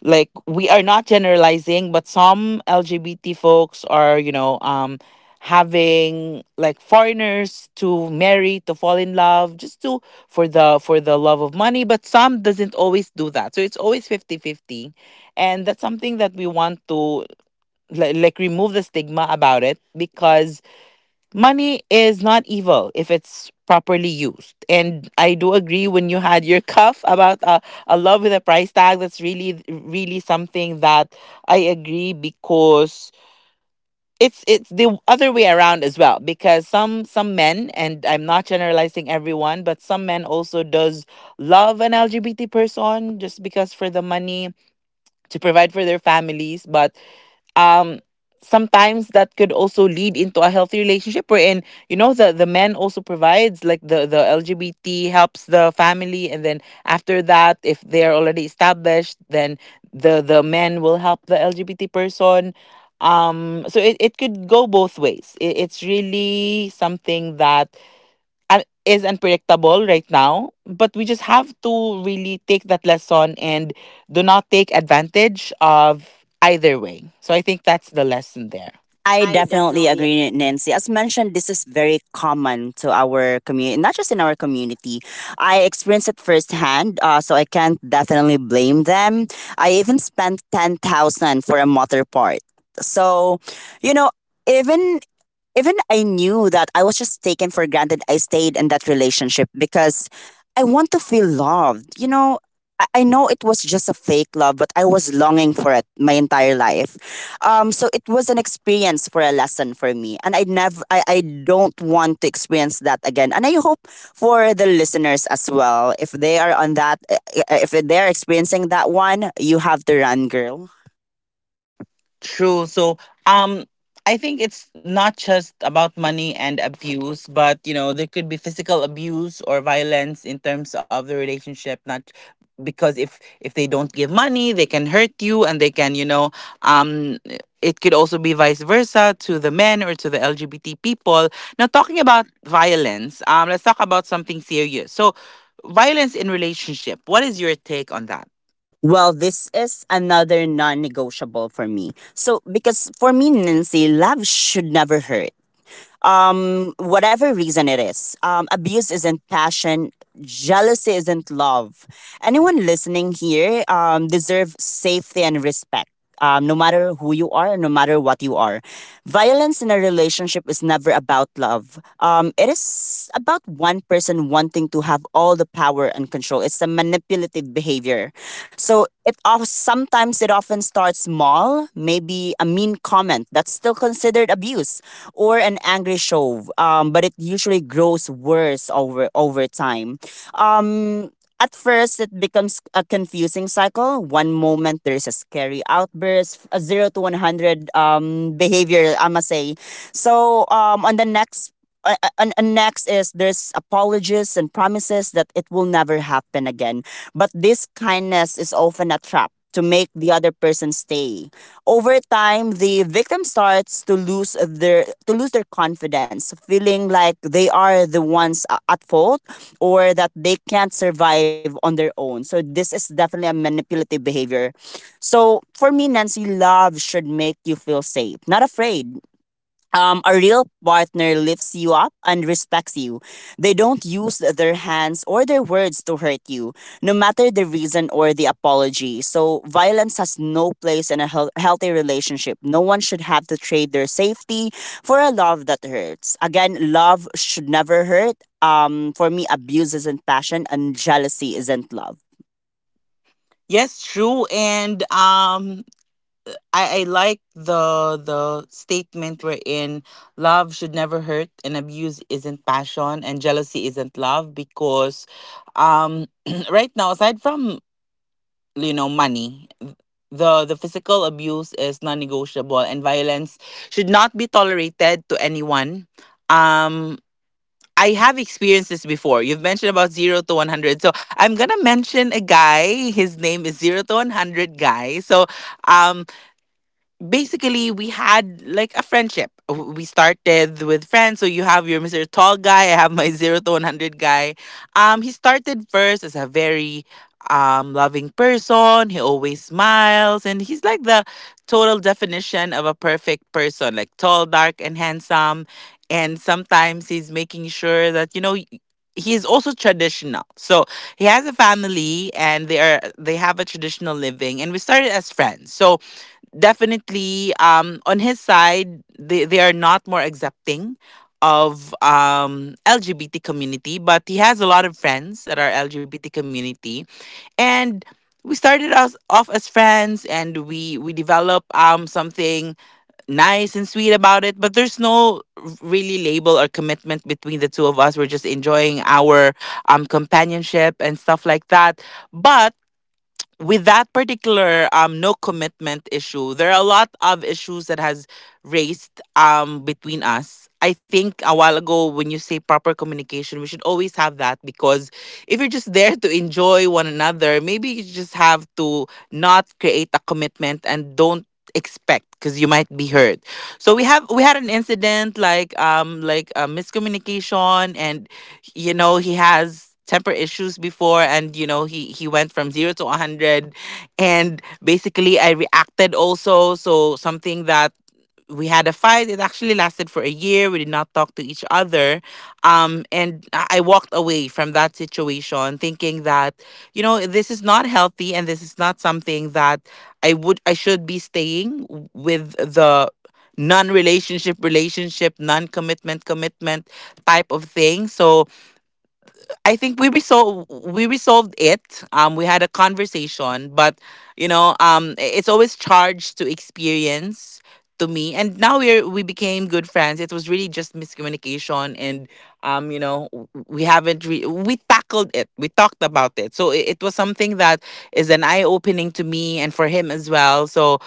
[SPEAKER 1] like, we are not generalizing, but some LGBT folks are, having like foreigners to marry, to fall in love just to, for the love of money. But some doesn't always do that, so it's always fifty fifty, and that's something that we want to, like remove the stigma about it because money is not evil if it's properly used. And I do agree when you had your cuff about a love with a price tag. That's really, really something that I agree because it's the other way around as well. Because some men, and I'm not generalizing everyone, but some men also does love an LGBT person just because for the money, to provide for their families. But um sometimes that could also lead into a healthy relationship, wherein you know the man also provides, like the LGBT helps the family, and then after that, if they're already established, then the men will help the LGBT person. Um, so it could go both ways. It's really something that is unpredictable right now, but we just have to really take that lesson and do not take advantage of either way. So I think that's the lesson there.
[SPEAKER 2] I
[SPEAKER 1] I
[SPEAKER 2] definitely
[SPEAKER 1] definitely.
[SPEAKER 2] agree, Nancy. As mentioned, this is very common to our community, not just in our community. I experienced it firsthand, so I can't definitely blame them. I even spent 10,000 for a motor part. So, you know, even even I knew that I was just taken for granted. I stayed in that relationship because I want to feel loved. You know, I know it was just a fake love, but I was longing for it my entire life. So it was an experience for a lesson for me. And I don't want to experience that again. And I hope for the listeners as well, if they are on that, if they're experiencing that one, you have to run, girl.
[SPEAKER 1] True. So, um, I think it's not just about money and abuse, but you know, there could be physical abuse or violence in terms of the relationship. Not because if they don't give money, they can hurt you, and they can, um, it could also be vice versa to the men or to the LGBT people. Now, talking about violence, let's talk about something serious. So, violence in relationship. What is your take on that?
[SPEAKER 2] Well, this is another non negotiable for me. So, because for me, Nancy, love should never hurt. Whatever reason it is, abuse isn't passion, jealousy isn't love, anyone listening here deserve safety and respect. No matter who you are, no matter what you are, violence in a relationship is never about love. It is about one person wanting to have all the power and control. It's a manipulative behavior. So it of sometimes it often starts small, maybe a mean comment that's still considered abuse, or an angry shove. But it usually grows worse over over time. Um, at first, it becomes a confusing cycle. One moment there's a scary outburst, a zero to 100 behavior, I must say. So, on the next and next is there's apologies and promises that it will never happen again. But this kindness is often a trap to make the other person stay. Over time, the victim starts to lose their confidence, feeling like they are the ones a- at fault or that they can't survive on their own. So this is definitely a manipulative behavior. So for me, Nancy, love should make you feel safe, not afraid a real partner lifts you up and respects you. They don't use their hands or their words to hurt you, no matter the reason or the apology. So, violence has no place in a heal- healthy relationship. No one should have to trade their safety for a love that hurts. Again, love should never hurt. For me, abuse isn't passion, and jealousy isn't love.
[SPEAKER 1] Yes, true. And I like the statement wherein love should never hurt and abuse isn't passion and jealousy isn't love because um right now, aside from money, the physical abuse is non-negotiable, and violence should not be tolerated to anyone. um I have experienced this before. You've mentioned about 0 to 100, so I'm gonna mention a guy. His name is 0 to 100 guy. So um basically, we had like a friendship. We started with friends. So you have your Mr. Tall guy, I have my 0 to 100 guy. He started first as a very loving person. He always smiles, and he's like the total definition of a perfect person, like tall, dark, and handsome. And sometimes he's making sure that, you know, he's also traditional. So he has a family, and they have a traditional living, and we started as friends. So, definitely, on his side, they are not more accepting of LGBT community, but he has a lot of friends that are LGBT community. And we started us off as friends, and we develop something nice and sweet about it, but there's no really label or commitment between the two of us. We're just enjoying our companionship and stuff like that. But with that particular no commitment issue, there are a lot of issues that has raised between us. I think a while ago when you say proper communication, we should always have that because if you're just there to enjoy one another, maybe you just have to not create a commitment and don't expect because you might be hurt. So we had an incident, like a miscommunication. And you know he has temper issues before, and you know he went from 0 to 100, and basically, I reacted also. So something that we had a fight. It actually lasted for a year. We did not talk to each other. And I walked away from that situation thinking that you know this is not healthy, and this is not something that I should be staying with. The non relationship relationship, non commitment commitment type of thing. So I think we resolved it. We had a conversation, but it's always charged to experience to me. And now we became good friends. It was really just miscommunication, and we haven't re- we tackled it. We talked about it, so it was something that is an eye opening to me and for him as well. So.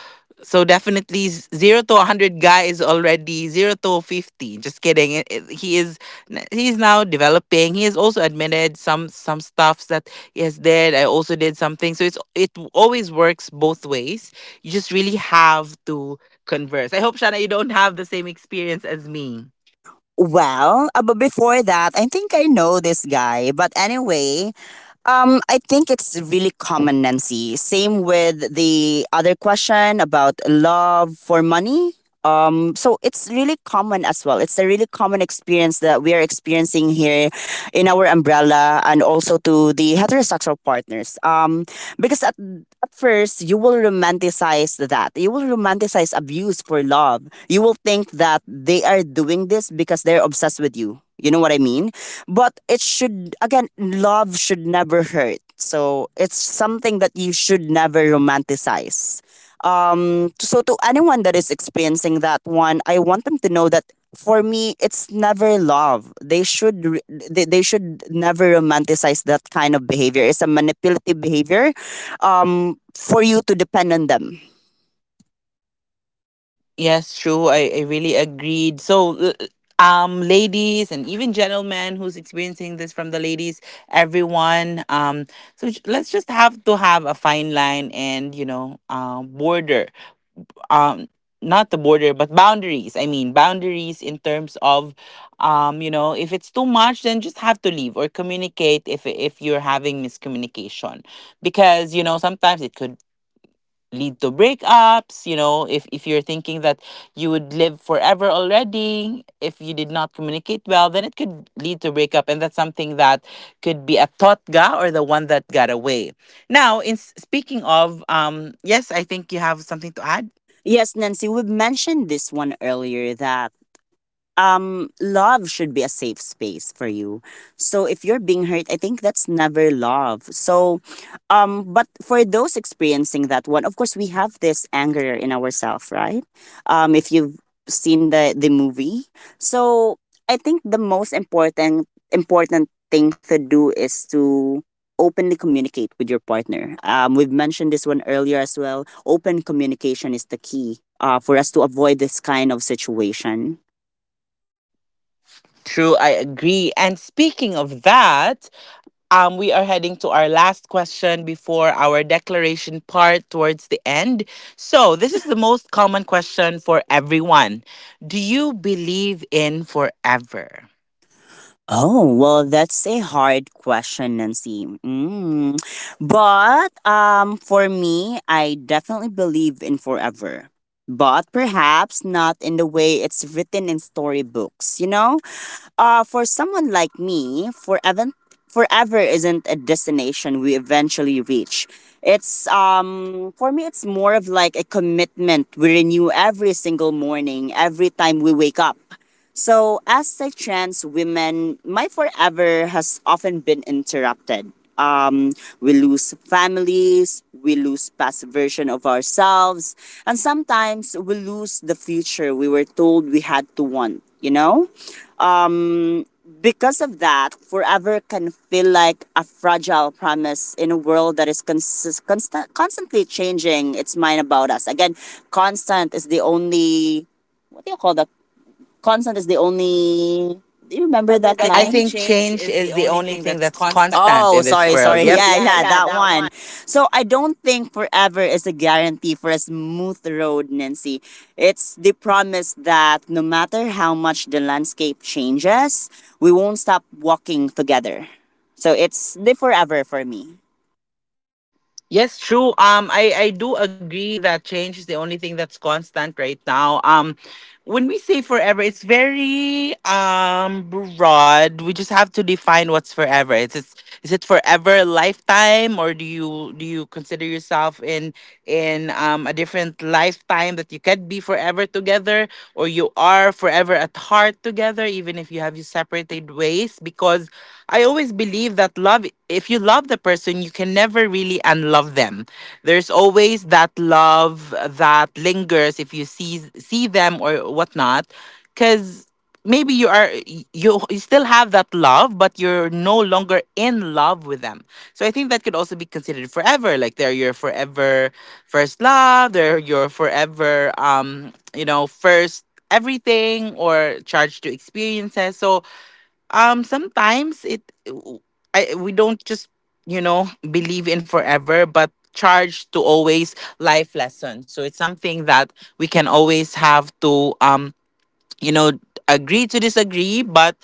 [SPEAKER 1] So definitely 0 to 100 guy is already 0 to 50. Just kidding. He is he's now developing. He has also admitted some stuffs that he has did. I also did something. So it always works both ways. You just really have to converse. I hope, Shana, you don't have the same experience as me.
[SPEAKER 2] Well, but before that, I think I know this guy. But anyway, I think it's really common, Nancy. Same with the other question about love for money. So it's really common as well. It's a really common experience that we are experiencing here in our umbrella and also to the heterosexual partners. Because at first, you will romanticize that. You will romanticize abuse for love. You will think that they are doing this because they're obsessed with you. You know what I mean? But it should, again, love should never hurt. So it's something that you should never romanticize. So to anyone that is experiencing that one, I want them to know that for me, it's never love. They should never romanticize that kind of behavior. It's a manipulative behavior, for you to depend on them.
[SPEAKER 1] Yes, true. I really agreed. So, ladies and even gentlemen who's experiencing this from the ladies, everyone. So let's just have to have a fine line and, you know, border, um not the border but boundaries. I mean boundaries in terms of you know, if it's too much, then just have to leave or communicate. If you're having miscommunication, because you know, sometimes it could lead to breakups. You know, if you're thinking that you would live forever already, if you did not communicate well, then it could lead to breakup. And that's something that could be a totga or the one that got away. Now, in speaking of, yes, I think you have something to add.
[SPEAKER 2] Yes, Nancy, we mentioned this one earlier that love should be a safe space for you. So if you're being hurt, I think that's never love. So but for those experiencing that one, of course we have this anger in ourselves, right? If you've seen the movie. So I think the most important thing to do is to openly communicate with your partner. We've mentioned this one earlier as well. Open communication is the key, for us to avoid this kind of situation.
[SPEAKER 1] True, I agree. And speaking of that, we are heading to our last question before our declaration part towards the end. So, this is the most common question for everyone. Do you believe in forever?
[SPEAKER 2] Oh, well, that's a hard question, Nancy. Mm. But for me, I definitely believe in forever. But perhaps not in the way it's written in storybooks, you know? For someone like me, forever isn't a destination we eventually reach. It's for me, it's more of like a commitment we renew every single morning, every time we wake up. So, as a trans woman, my forever has often been interrupted. We lose families, we lose past version of ourselves, and sometimes we lose the future we were told we had to want, you know? Because of that, forever can feel like a fragile promise in a world that is constantly changing its mind about us. Again, constant is the only, what do you call that? Constant is the only. Do you remember
[SPEAKER 1] Remember
[SPEAKER 2] that I
[SPEAKER 1] that I time?
[SPEAKER 2] line? Think
[SPEAKER 1] Think
[SPEAKER 2] change
[SPEAKER 1] change
[SPEAKER 2] is
[SPEAKER 1] is
[SPEAKER 2] the
[SPEAKER 1] the
[SPEAKER 2] only
[SPEAKER 1] only
[SPEAKER 2] thing
[SPEAKER 1] thing
[SPEAKER 2] that's
[SPEAKER 1] that's
[SPEAKER 2] constant.
[SPEAKER 1] constant in
[SPEAKER 2] Oh,
[SPEAKER 1] Oh, this
[SPEAKER 2] sorry,
[SPEAKER 1] sorry, world.
[SPEAKER 2] sorry.
[SPEAKER 1] Yep. sorry. Yep.
[SPEAKER 2] Yeah,
[SPEAKER 1] Yeah,
[SPEAKER 2] yeah,
[SPEAKER 1] yeah,
[SPEAKER 2] that
[SPEAKER 1] that one.
[SPEAKER 2] one. So I don't think forever is a guarantee for a smooth road, Nancy. It's the promise that no matter how much the landscape changes, we won't stop walking together. So it's the forever for me.
[SPEAKER 1] Yes, true. I do agree that change is the only thing that's constant right now. When we say forever, it's very broad. We just have to define what's forever. It's it is it forever? A lifetime? Or do you consider yourself in a different lifetime that you can be forever together, or you are forever at heart together even if you have you separated ways? Because I always believe that love, if you love the person, you can never really unlove them. There's always that love that lingers if you see them or whatnot. Because maybe you still have that love, but you're no longer in love with them. So I think that could also be considered forever, like they're your forever first love, they're your forever, you know, first everything, or charged to experiences. So, sometimes it, I we don't just, you know, believe in forever, but charge to always life lessons. So it's something that we can always have to you know, agree to disagree. But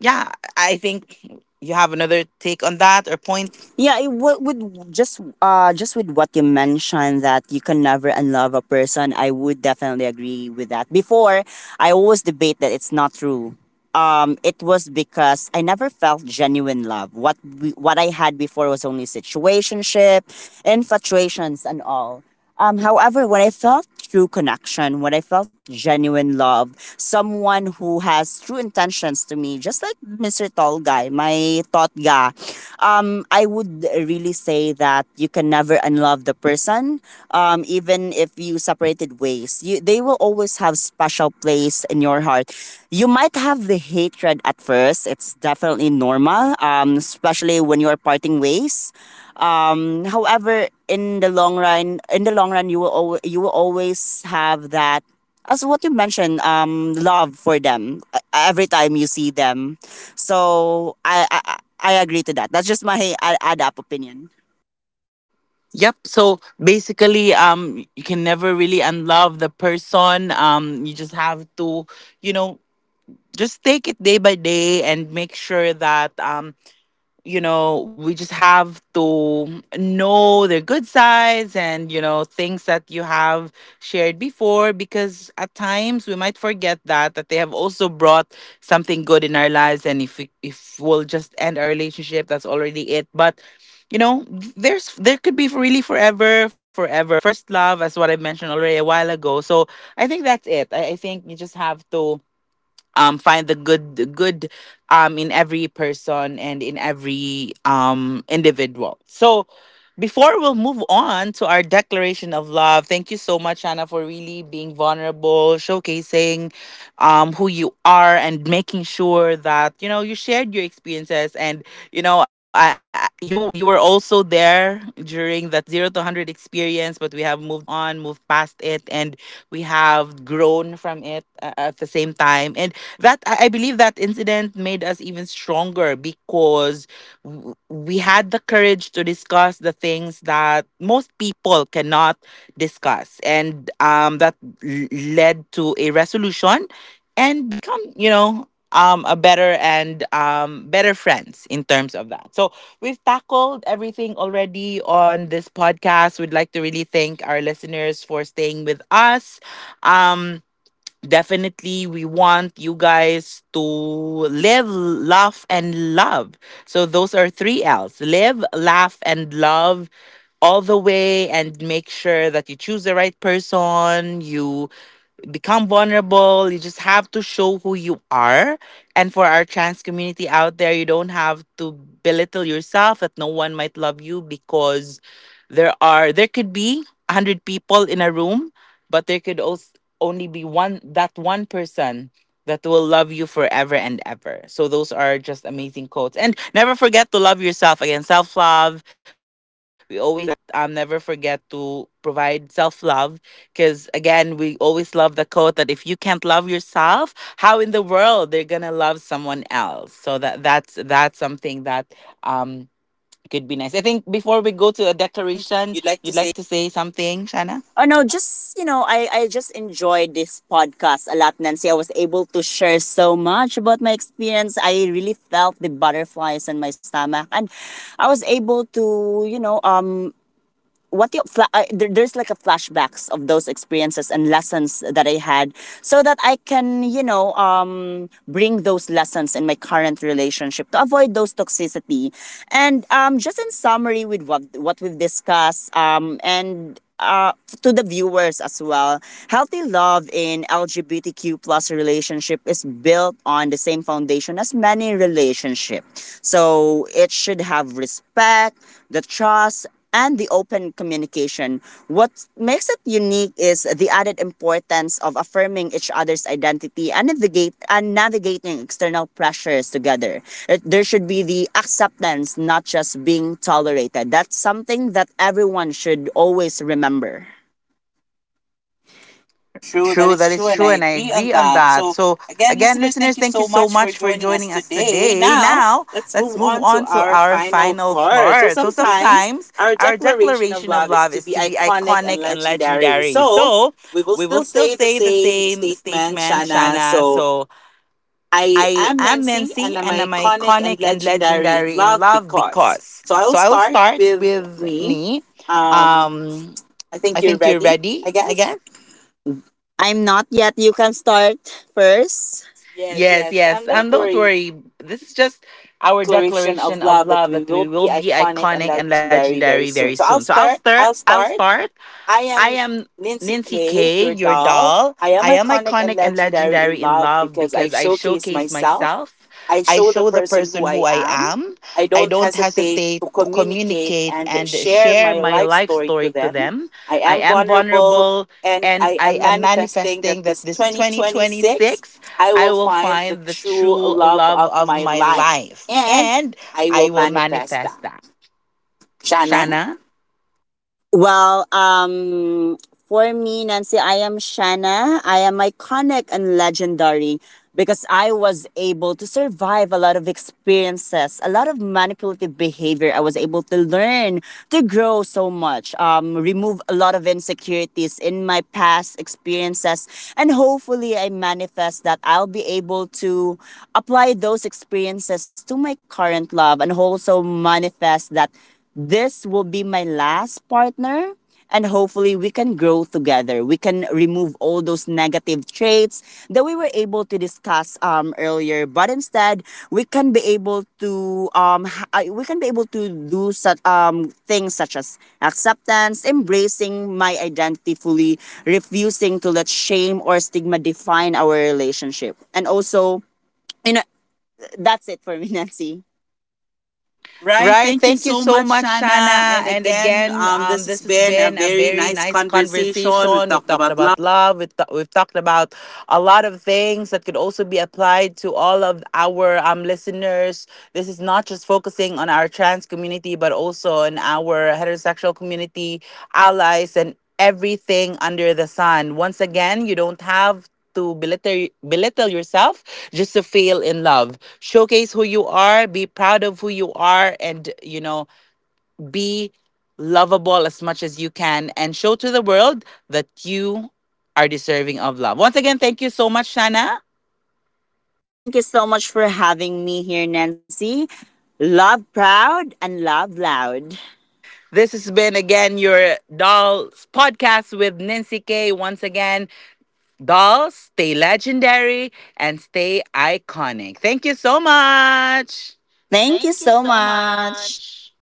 [SPEAKER 1] yeah, I think you have another take on that or
[SPEAKER 2] Point,
[SPEAKER 1] point.
[SPEAKER 2] yeah, it, with just with what you mentioned that you can never unlove a person, I would definitely agree with that. Before, I always debate that it's not true. It was because I never felt genuine love. What I had before was only situationship, infatuations and all. However, when I felt true connection, when I felt genuine love, someone who has true intentions to me, just like Mr. Tall Guy, my thought guy, I would really say that you can never unlove the person. Even if you separated ways, they will always have special place in your heart. You might have the hatred at first. It's definitely normal, especially when you are parting ways. However, in the long run, in the long run, you will al- you will always have that, as what you mentioned, love for them, every time you see them. So I I agree to that. That's just my add up opinion.
[SPEAKER 1] Yep. So basically, you can never really unlove the person. You just have to, you know, just take it day by day and make sure that you know, we just have to know their good sides, and, you know, things that you have shared before because at times, we might forget that they have also brought something good in our lives. And if we'll just end our relationship, that's already it. But you know, there could be really forever, forever first love, as what I mentioned already a while ago. So I think that's it. I think you just have to find the good in every person and in every individual. So before we'll move on to our declaration of love, thank you so much, Anna, for really being vulnerable, showcasing who you are and making sure that you know you shared your experiences. And you know you were also there during that 0 to 100 experience, but we have moved past it, and we have grown from it at the same time. And that I believe that incident made us even stronger because we had the courage to discuss the things that most people cannot discuss. Led to a resolution and become, you know. A better and better friends in terms of that. So we've tackled everything already on this podcast. We'd like to really thank our listeners for staying with us. Um, Definitely we want you guys to live, laugh, and love. So those are three L's: live, laugh, and love, all the way. And make sure that you choose the right person, you become vulnerable. You just have to show who you are. And for our trans community out there, you don't have to belittle yourself that no one might love you, because there could be 100 people in a room, but there could also only be one person that will love you forever and ever. So those are just amazing quotes. And never forget to love yourself. Again, self-love. We always say that never forget to provide self-love, because again, we always love the quote that if you can't love yourself, how in the world they're gonna love someone else. So that's something that um could be nice. I think before we go to a
[SPEAKER 2] Christian,
[SPEAKER 1] declaration,
[SPEAKER 2] you'd like to
[SPEAKER 1] you'd
[SPEAKER 2] say?
[SPEAKER 1] like to say
[SPEAKER 2] Anna?
[SPEAKER 1] something, Shanna?
[SPEAKER 2] Oh no, just you know, I just enjoyed this podcast a lot, Nancy. I was able to share so much about my experience. I really felt the butterflies in my stomach and I was able to, you know, what you fla- there, there's like a flashbacks of those experiences and lessons that I had so that I can, you know, bring those lessons in my current relationship to avoid those toxicity. And Just in summary with what we've discussed, and to the viewers as well, healthy love in LGBTQ plus relationship is built on the same foundation as many relationship, so it should have respect, the trust, and the open communication. What makes it unique is the added importance of affirming each other's identity and navigate and navigating external pressures together. There should be the acceptance, not just being tolerated. That's something that everyone should always remember. True, that
[SPEAKER 1] True,
[SPEAKER 2] is
[SPEAKER 1] that is
[SPEAKER 2] true, and I
[SPEAKER 1] true, and I
[SPEAKER 2] agree on
[SPEAKER 1] agree on
[SPEAKER 2] that.
[SPEAKER 1] that.
[SPEAKER 2] So,
[SPEAKER 1] So,
[SPEAKER 2] again,
[SPEAKER 1] again,
[SPEAKER 2] listeners,
[SPEAKER 1] listeners,
[SPEAKER 2] thank you
[SPEAKER 1] thank you
[SPEAKER 2] so
[SPEAKER 1] so
[SPEAKER 2] much for
[SPEAKER 1] much for
[SPEAKER 2] joining us
[SPEAKER 1] joining us
[SPEAKER 2] today.
[SPEAKER 1] today.
[SPEAKER 2] Now,
[SPEAKER 1] Now,
[SPEAKER 2] let's
[SPEAKER 1] let's
[SPEAKER 2] move
[SPEAKER 1] move
[SPEAKER 2] on to
[SPEAKER 1] on to
[SPEAKER 2] our
[SPEAKER 1] our
[SPEAKER 2] final
[SPEAKER 1] final
[SPEAKER 2] part. So,
[SPEAKER 1] part. So,
[SPEAKER 2] sometimes
[SPEAKER 1] sometimes
[SPEAKER 2] our
[SPEAKER 1] our
[SPEAKER 2] declaration of
[SPEAKER 1] declaration of
[SPEAKER 2] love is
[SPEAKER 1] love
[SPEAKER 2] to
[SPEAKER 1] is
[SPEAKER 2] be
[SPEAKER 1] to be
[SPEAKER 2] iconic
[SPEAKER 1] iconic
[SPEAKER 2] and
[SPEAKER 1] and
[SPEAKER 2] legendary.
[SPEAKER 1] legendary.
[SPEAKER 2] So,
[SPEAKER 1] So,
[SPEAKER 2] we
[SPEAKER 1] we
[SPEAKER 2] will
[SPEAKER 1] will
[SPEAKER 2] still
[SPEAKER 1] still
[SPEAKER 2] say
[SPEAKER 1] say
[SPEAKER 2] the
[SPEAKER 1] the
[SPEAKER 2] same
[SPEAKER 1] same
[SPEAKER 2] statement,
[SPEAKER 1] statement,
[SPEAKER 2] Shana.
[SPEAKER 1] Shana.
[SPEAKER 2] So,
[SPEAKER 1] So, I
[SPEAKER 2] I am
[SPEAKER 1] am
[SPEAKER 2] Nancy,
[SPEAKER 1] Nancy,
[SPEAKER 2] and
[SPEAKER 1] and
[SPEAKER 2] I'm
[SPEAKER 1] I'm
[SPEAKER 2] iconic
[SPEAKER 1] iconic
[SPEAKER 2] and
[SPEAKER 1] and
[SPEAKER 2] legendary
[SPEAKER 1] legendary
[SPEAKER 2] in
[SPEAKER 1] in
[SPEAKER 2] love
[SPEAKER 1] love because.
[SPEAKER 2] because. So,
[SPEAKER 1] So, I
[SPEAKER 2] I'll
[SPEAKER 1] will
[SPEAKER 2] start
[SPEAKER 1] start
[SPEAKER 2] with
[SPEAKER 1] with
[SPEAKER 2] me.
[SPEAKER 1] me.
[SPEAKER 2] Um,
[SPEAKER 1] Um,
[SPEAKER 2] I
[SPEAKER 1] I
[SPEAKER 2] think
[SPEAKER 1] think
[SPEAKER 2] you're
[SPEAKER 1] you're
[SPEAKER 2] ready,
[SPEAKER 1] ready,
[SPEAKER 2] I
[SPEAKER 1] I guess.
[SPEAKER 2] guess. I'm not yet. You can start first. Yes,
[SPEAKER 1] Yes,
[SPEAKER 2] yes. And
[SPEAKER 1] yes.
[SPEAKER 2] don't
[SPEAKER 1] And don't
[SPEAKER 2] worry,
[SPEAKER 1] worry, this is just
[SPEAKER 2] our
[SPEAKER 1] our
[SPEAKER 2] declaration
[SPEAKER 1] declaration
[SPEAKER 2] of
[SPEAKER 1] of
[SPEAKER 2] love that
[SPEAKER 1] love
[SPEAKER 2] we
[SPEAKER 1] that
[SPEAKER 2] will
[SPEAKER 1] we will
[SPEAKER 2] be
[SPEAKER 1] be
[SPEAKER 2] iconic and
[SPEAKER 1] iconic and
[SPEAKER 2] legendary
[SPEAKER 1] legendary
[SPEAKER 2] very
[SPEAKER 1] very
[SPEAKER 2] soon. So
[SPEAKER 1] soon. So
[SPEAKER 2] I'll
[SPEAKER 1] I'll
[SPEAKER 2] start.
[SPEAKER 1] start.
[SPEAKER 2] I
[SPEAKER 1] I
[SPEAKER 2] am
[SPEAKER 1] am
[SPEAKER 2] Nancy
[SPEAKER 1] Nancy
[SPEAKER 2] K,
[SPEAKER 1] K,
[SPEAKER 2] your
[SPEAKER 1] your
[SPEAKER 2] doll.
[SPEAKER 1] doll.
[SPEAKER 2] I
[SPEAKER 1] I
[SPEAKER 2] am
[SPEAKER 1] am
[SPEAKER 2] iconic
[SPEAKER 1] iconic
[SPEAKER 2] and
[SPEAKER 1] and
[SPEAKER 2] legendary
[SPEAKER 1] legendary
[SPEAKER 2] in
[SPEAKER 1] in
[SPEAKER 2] love
[SPEAKER 1] love
[SPEAKER 2] because
[SPEAKER 1] because
[SPEAKER 2] I
[SPEAKER 1] I
[SPEAKER 2] showcase
[SPEAKER 1] showcase
[SPEAKER 2] myself.
[SPEAKER 1] myself.
[SPEAKER 2] I
[SPEAKER 1] I
[SPEAKER 2] show
[SPEAKER 1] show
[SPEAKER 2] the
[SPEAKER 1] the
[SPEAKER 2] person
[SPEAKER 1] person
[SPEAKER 2] who
[SPEAKER 1] who
[SPEAKER 2] I
[SPEAKER 1] I
[SPEAKER 2] am.
[SPEAKER 1] am.
[SPEAKER 2] I
[SPEAKER 1] I
[SPEAKER 2] don't
[SPEAKER 1] don't
[SPEAKER 2] hesitate
[SPEAKER 1] hesitate
[SPEAKER 2] to
[SPEAKER 1] to
[SPEAKER 2] communicate
[SPEAKER 1] communicate
[SPEAKER 2] and
[SPEAKER 1] and share
[SPEAKER 2] share my
[SPEAKER 1] my
[SPEAKER 2] life
[SPEAKER 1] life
[SPEAKER 2] story
[SPEAKER 1] story to
[SPEAKER 2] to
[SPEAKER 1] them.
[SPEAKER 2] them. I
[SPEAKER 1] I
[SPEAKER 2] am
[SPEAKER 1] am
[SPEAKER 2] vulnerable
[SPEAKER 1] vulnerable,
[SPEAKER 2] and
[SPEAKER 1] and I
[SPEAKER 2] I am
[SPEAKER 1] am
[SPEAKER 2] manifesting
[SPEAKER 1] manifesting
[SPEAKER 2] that
[SPEAKER 1] that
[SPEAKER 2] this
[SPEAKER 1] this 2026
[SPEAKER 2] 2026 I
[SPEAKER 1] I
[SPEAKER 2] will
[SPEAKER 1] will
[SPEAKER 2] find
[SPEAKER 1] find the
[SPEAKER 2] the
[SPEAKER 1] true
[SPEAKER 2] true love
[SPEAKER 1] love
[SPEAKER 2] of
[SPEAKER 1] of
[SPEAKER 2] my
[SPEAKER 1] my
[SPEAKER 2] life
[SPEAKER 1] life,
[SPEAKER 2] and
[SPEAKER 1] and
[SPEAKER 2] I
[SPEAKER 1] I
[SPEAKER 2] will
[SPEAKER 1] will
[SPEAKER 2] manifest
[SPEAKER 1] manifest
[SPEAKER 2] that.
[SPEAKER 1] that.
[SPEAKER 2] Shanna?
[SPEAKER 1] Shana?
[SPEAKER 2] Well, for me, Nancy, I am Shanna. I am iconic and legendary because I was able to survive a lot of experiences, a lot of manipulative behavior. I was able to learn, to grow so much, remove a lot of insecurities in my past experiences. And hopefully, I manifest that I'll be able to apply those experiences to my current love and also manifest that this will be my last partner, and hopefully, we can grow together. We can remove all those negative traits that we were able to discuss earlier, but instead, we can be able to we can be able to do such things such as acceptance, embracing my identity fully, refusing to let shame or stigma define our relationship, and also. You know, that's it for me, Nancy. Right.
[SPEAKER 1] Right.
[SPEAKER 2] Thank you
[SPEAKER 1] Thank you
[SPEAKER 2] so
[SPEAKER 1] so
[SPEAKER 2] much,
[SPEAKER 1] much,
[SPEAKER 2] Shana.
[SPEAKER 1] Shana.
[SPEAKER 2] And
[SPEAKER 1] And
[SPEAKER 2] again,
[SPEAKER 1] again,
[SPEAKER 2] this has
[SPEAKER 1] this has
[SPEAKER 2] been a
[SPEAKER 1] been a
[SPEAKER 2] very
[SPEAKER 1] very
[SPEAKER 2] nice
[SPEAKER 1] nice
[SPEAKER 2] conversation. We've
[SPEAKER 1] conversation. We've
[SPEAKER 2] talked
[SPEAKER 1] talked
[SPEAKER 2] about love.
[SPEAKER 1] about love. We've talked about a lot of things that could also be applied to all of our listeners. This is not just focusing on our trans community, but also in our heterosexual community, allies, and everything under the sun. Once again, you don't have to belittle yourself just to fail in love. Showcase who you are, be proud of who you are, and, you know, be lovable as much as you can, and show to the world that you are deserving of love. Once again, thank you so much, Shana.
[SPEAKER 2] Thank you so much for having me here, Nancy. Love proud and love loud.
[SPEAKER 1] This has been again your Dolls podcast with Nincy K. Once again, Dolls, stay legendary and stay iconic. Thank you so much.
[SPEAKER 2] Thank you
[SPEAKER 1] Thank you
[SPEAKER 2] so
[SPEAKER 1] so
[SPEAKER 2] much.
[SPEAKER 1] much.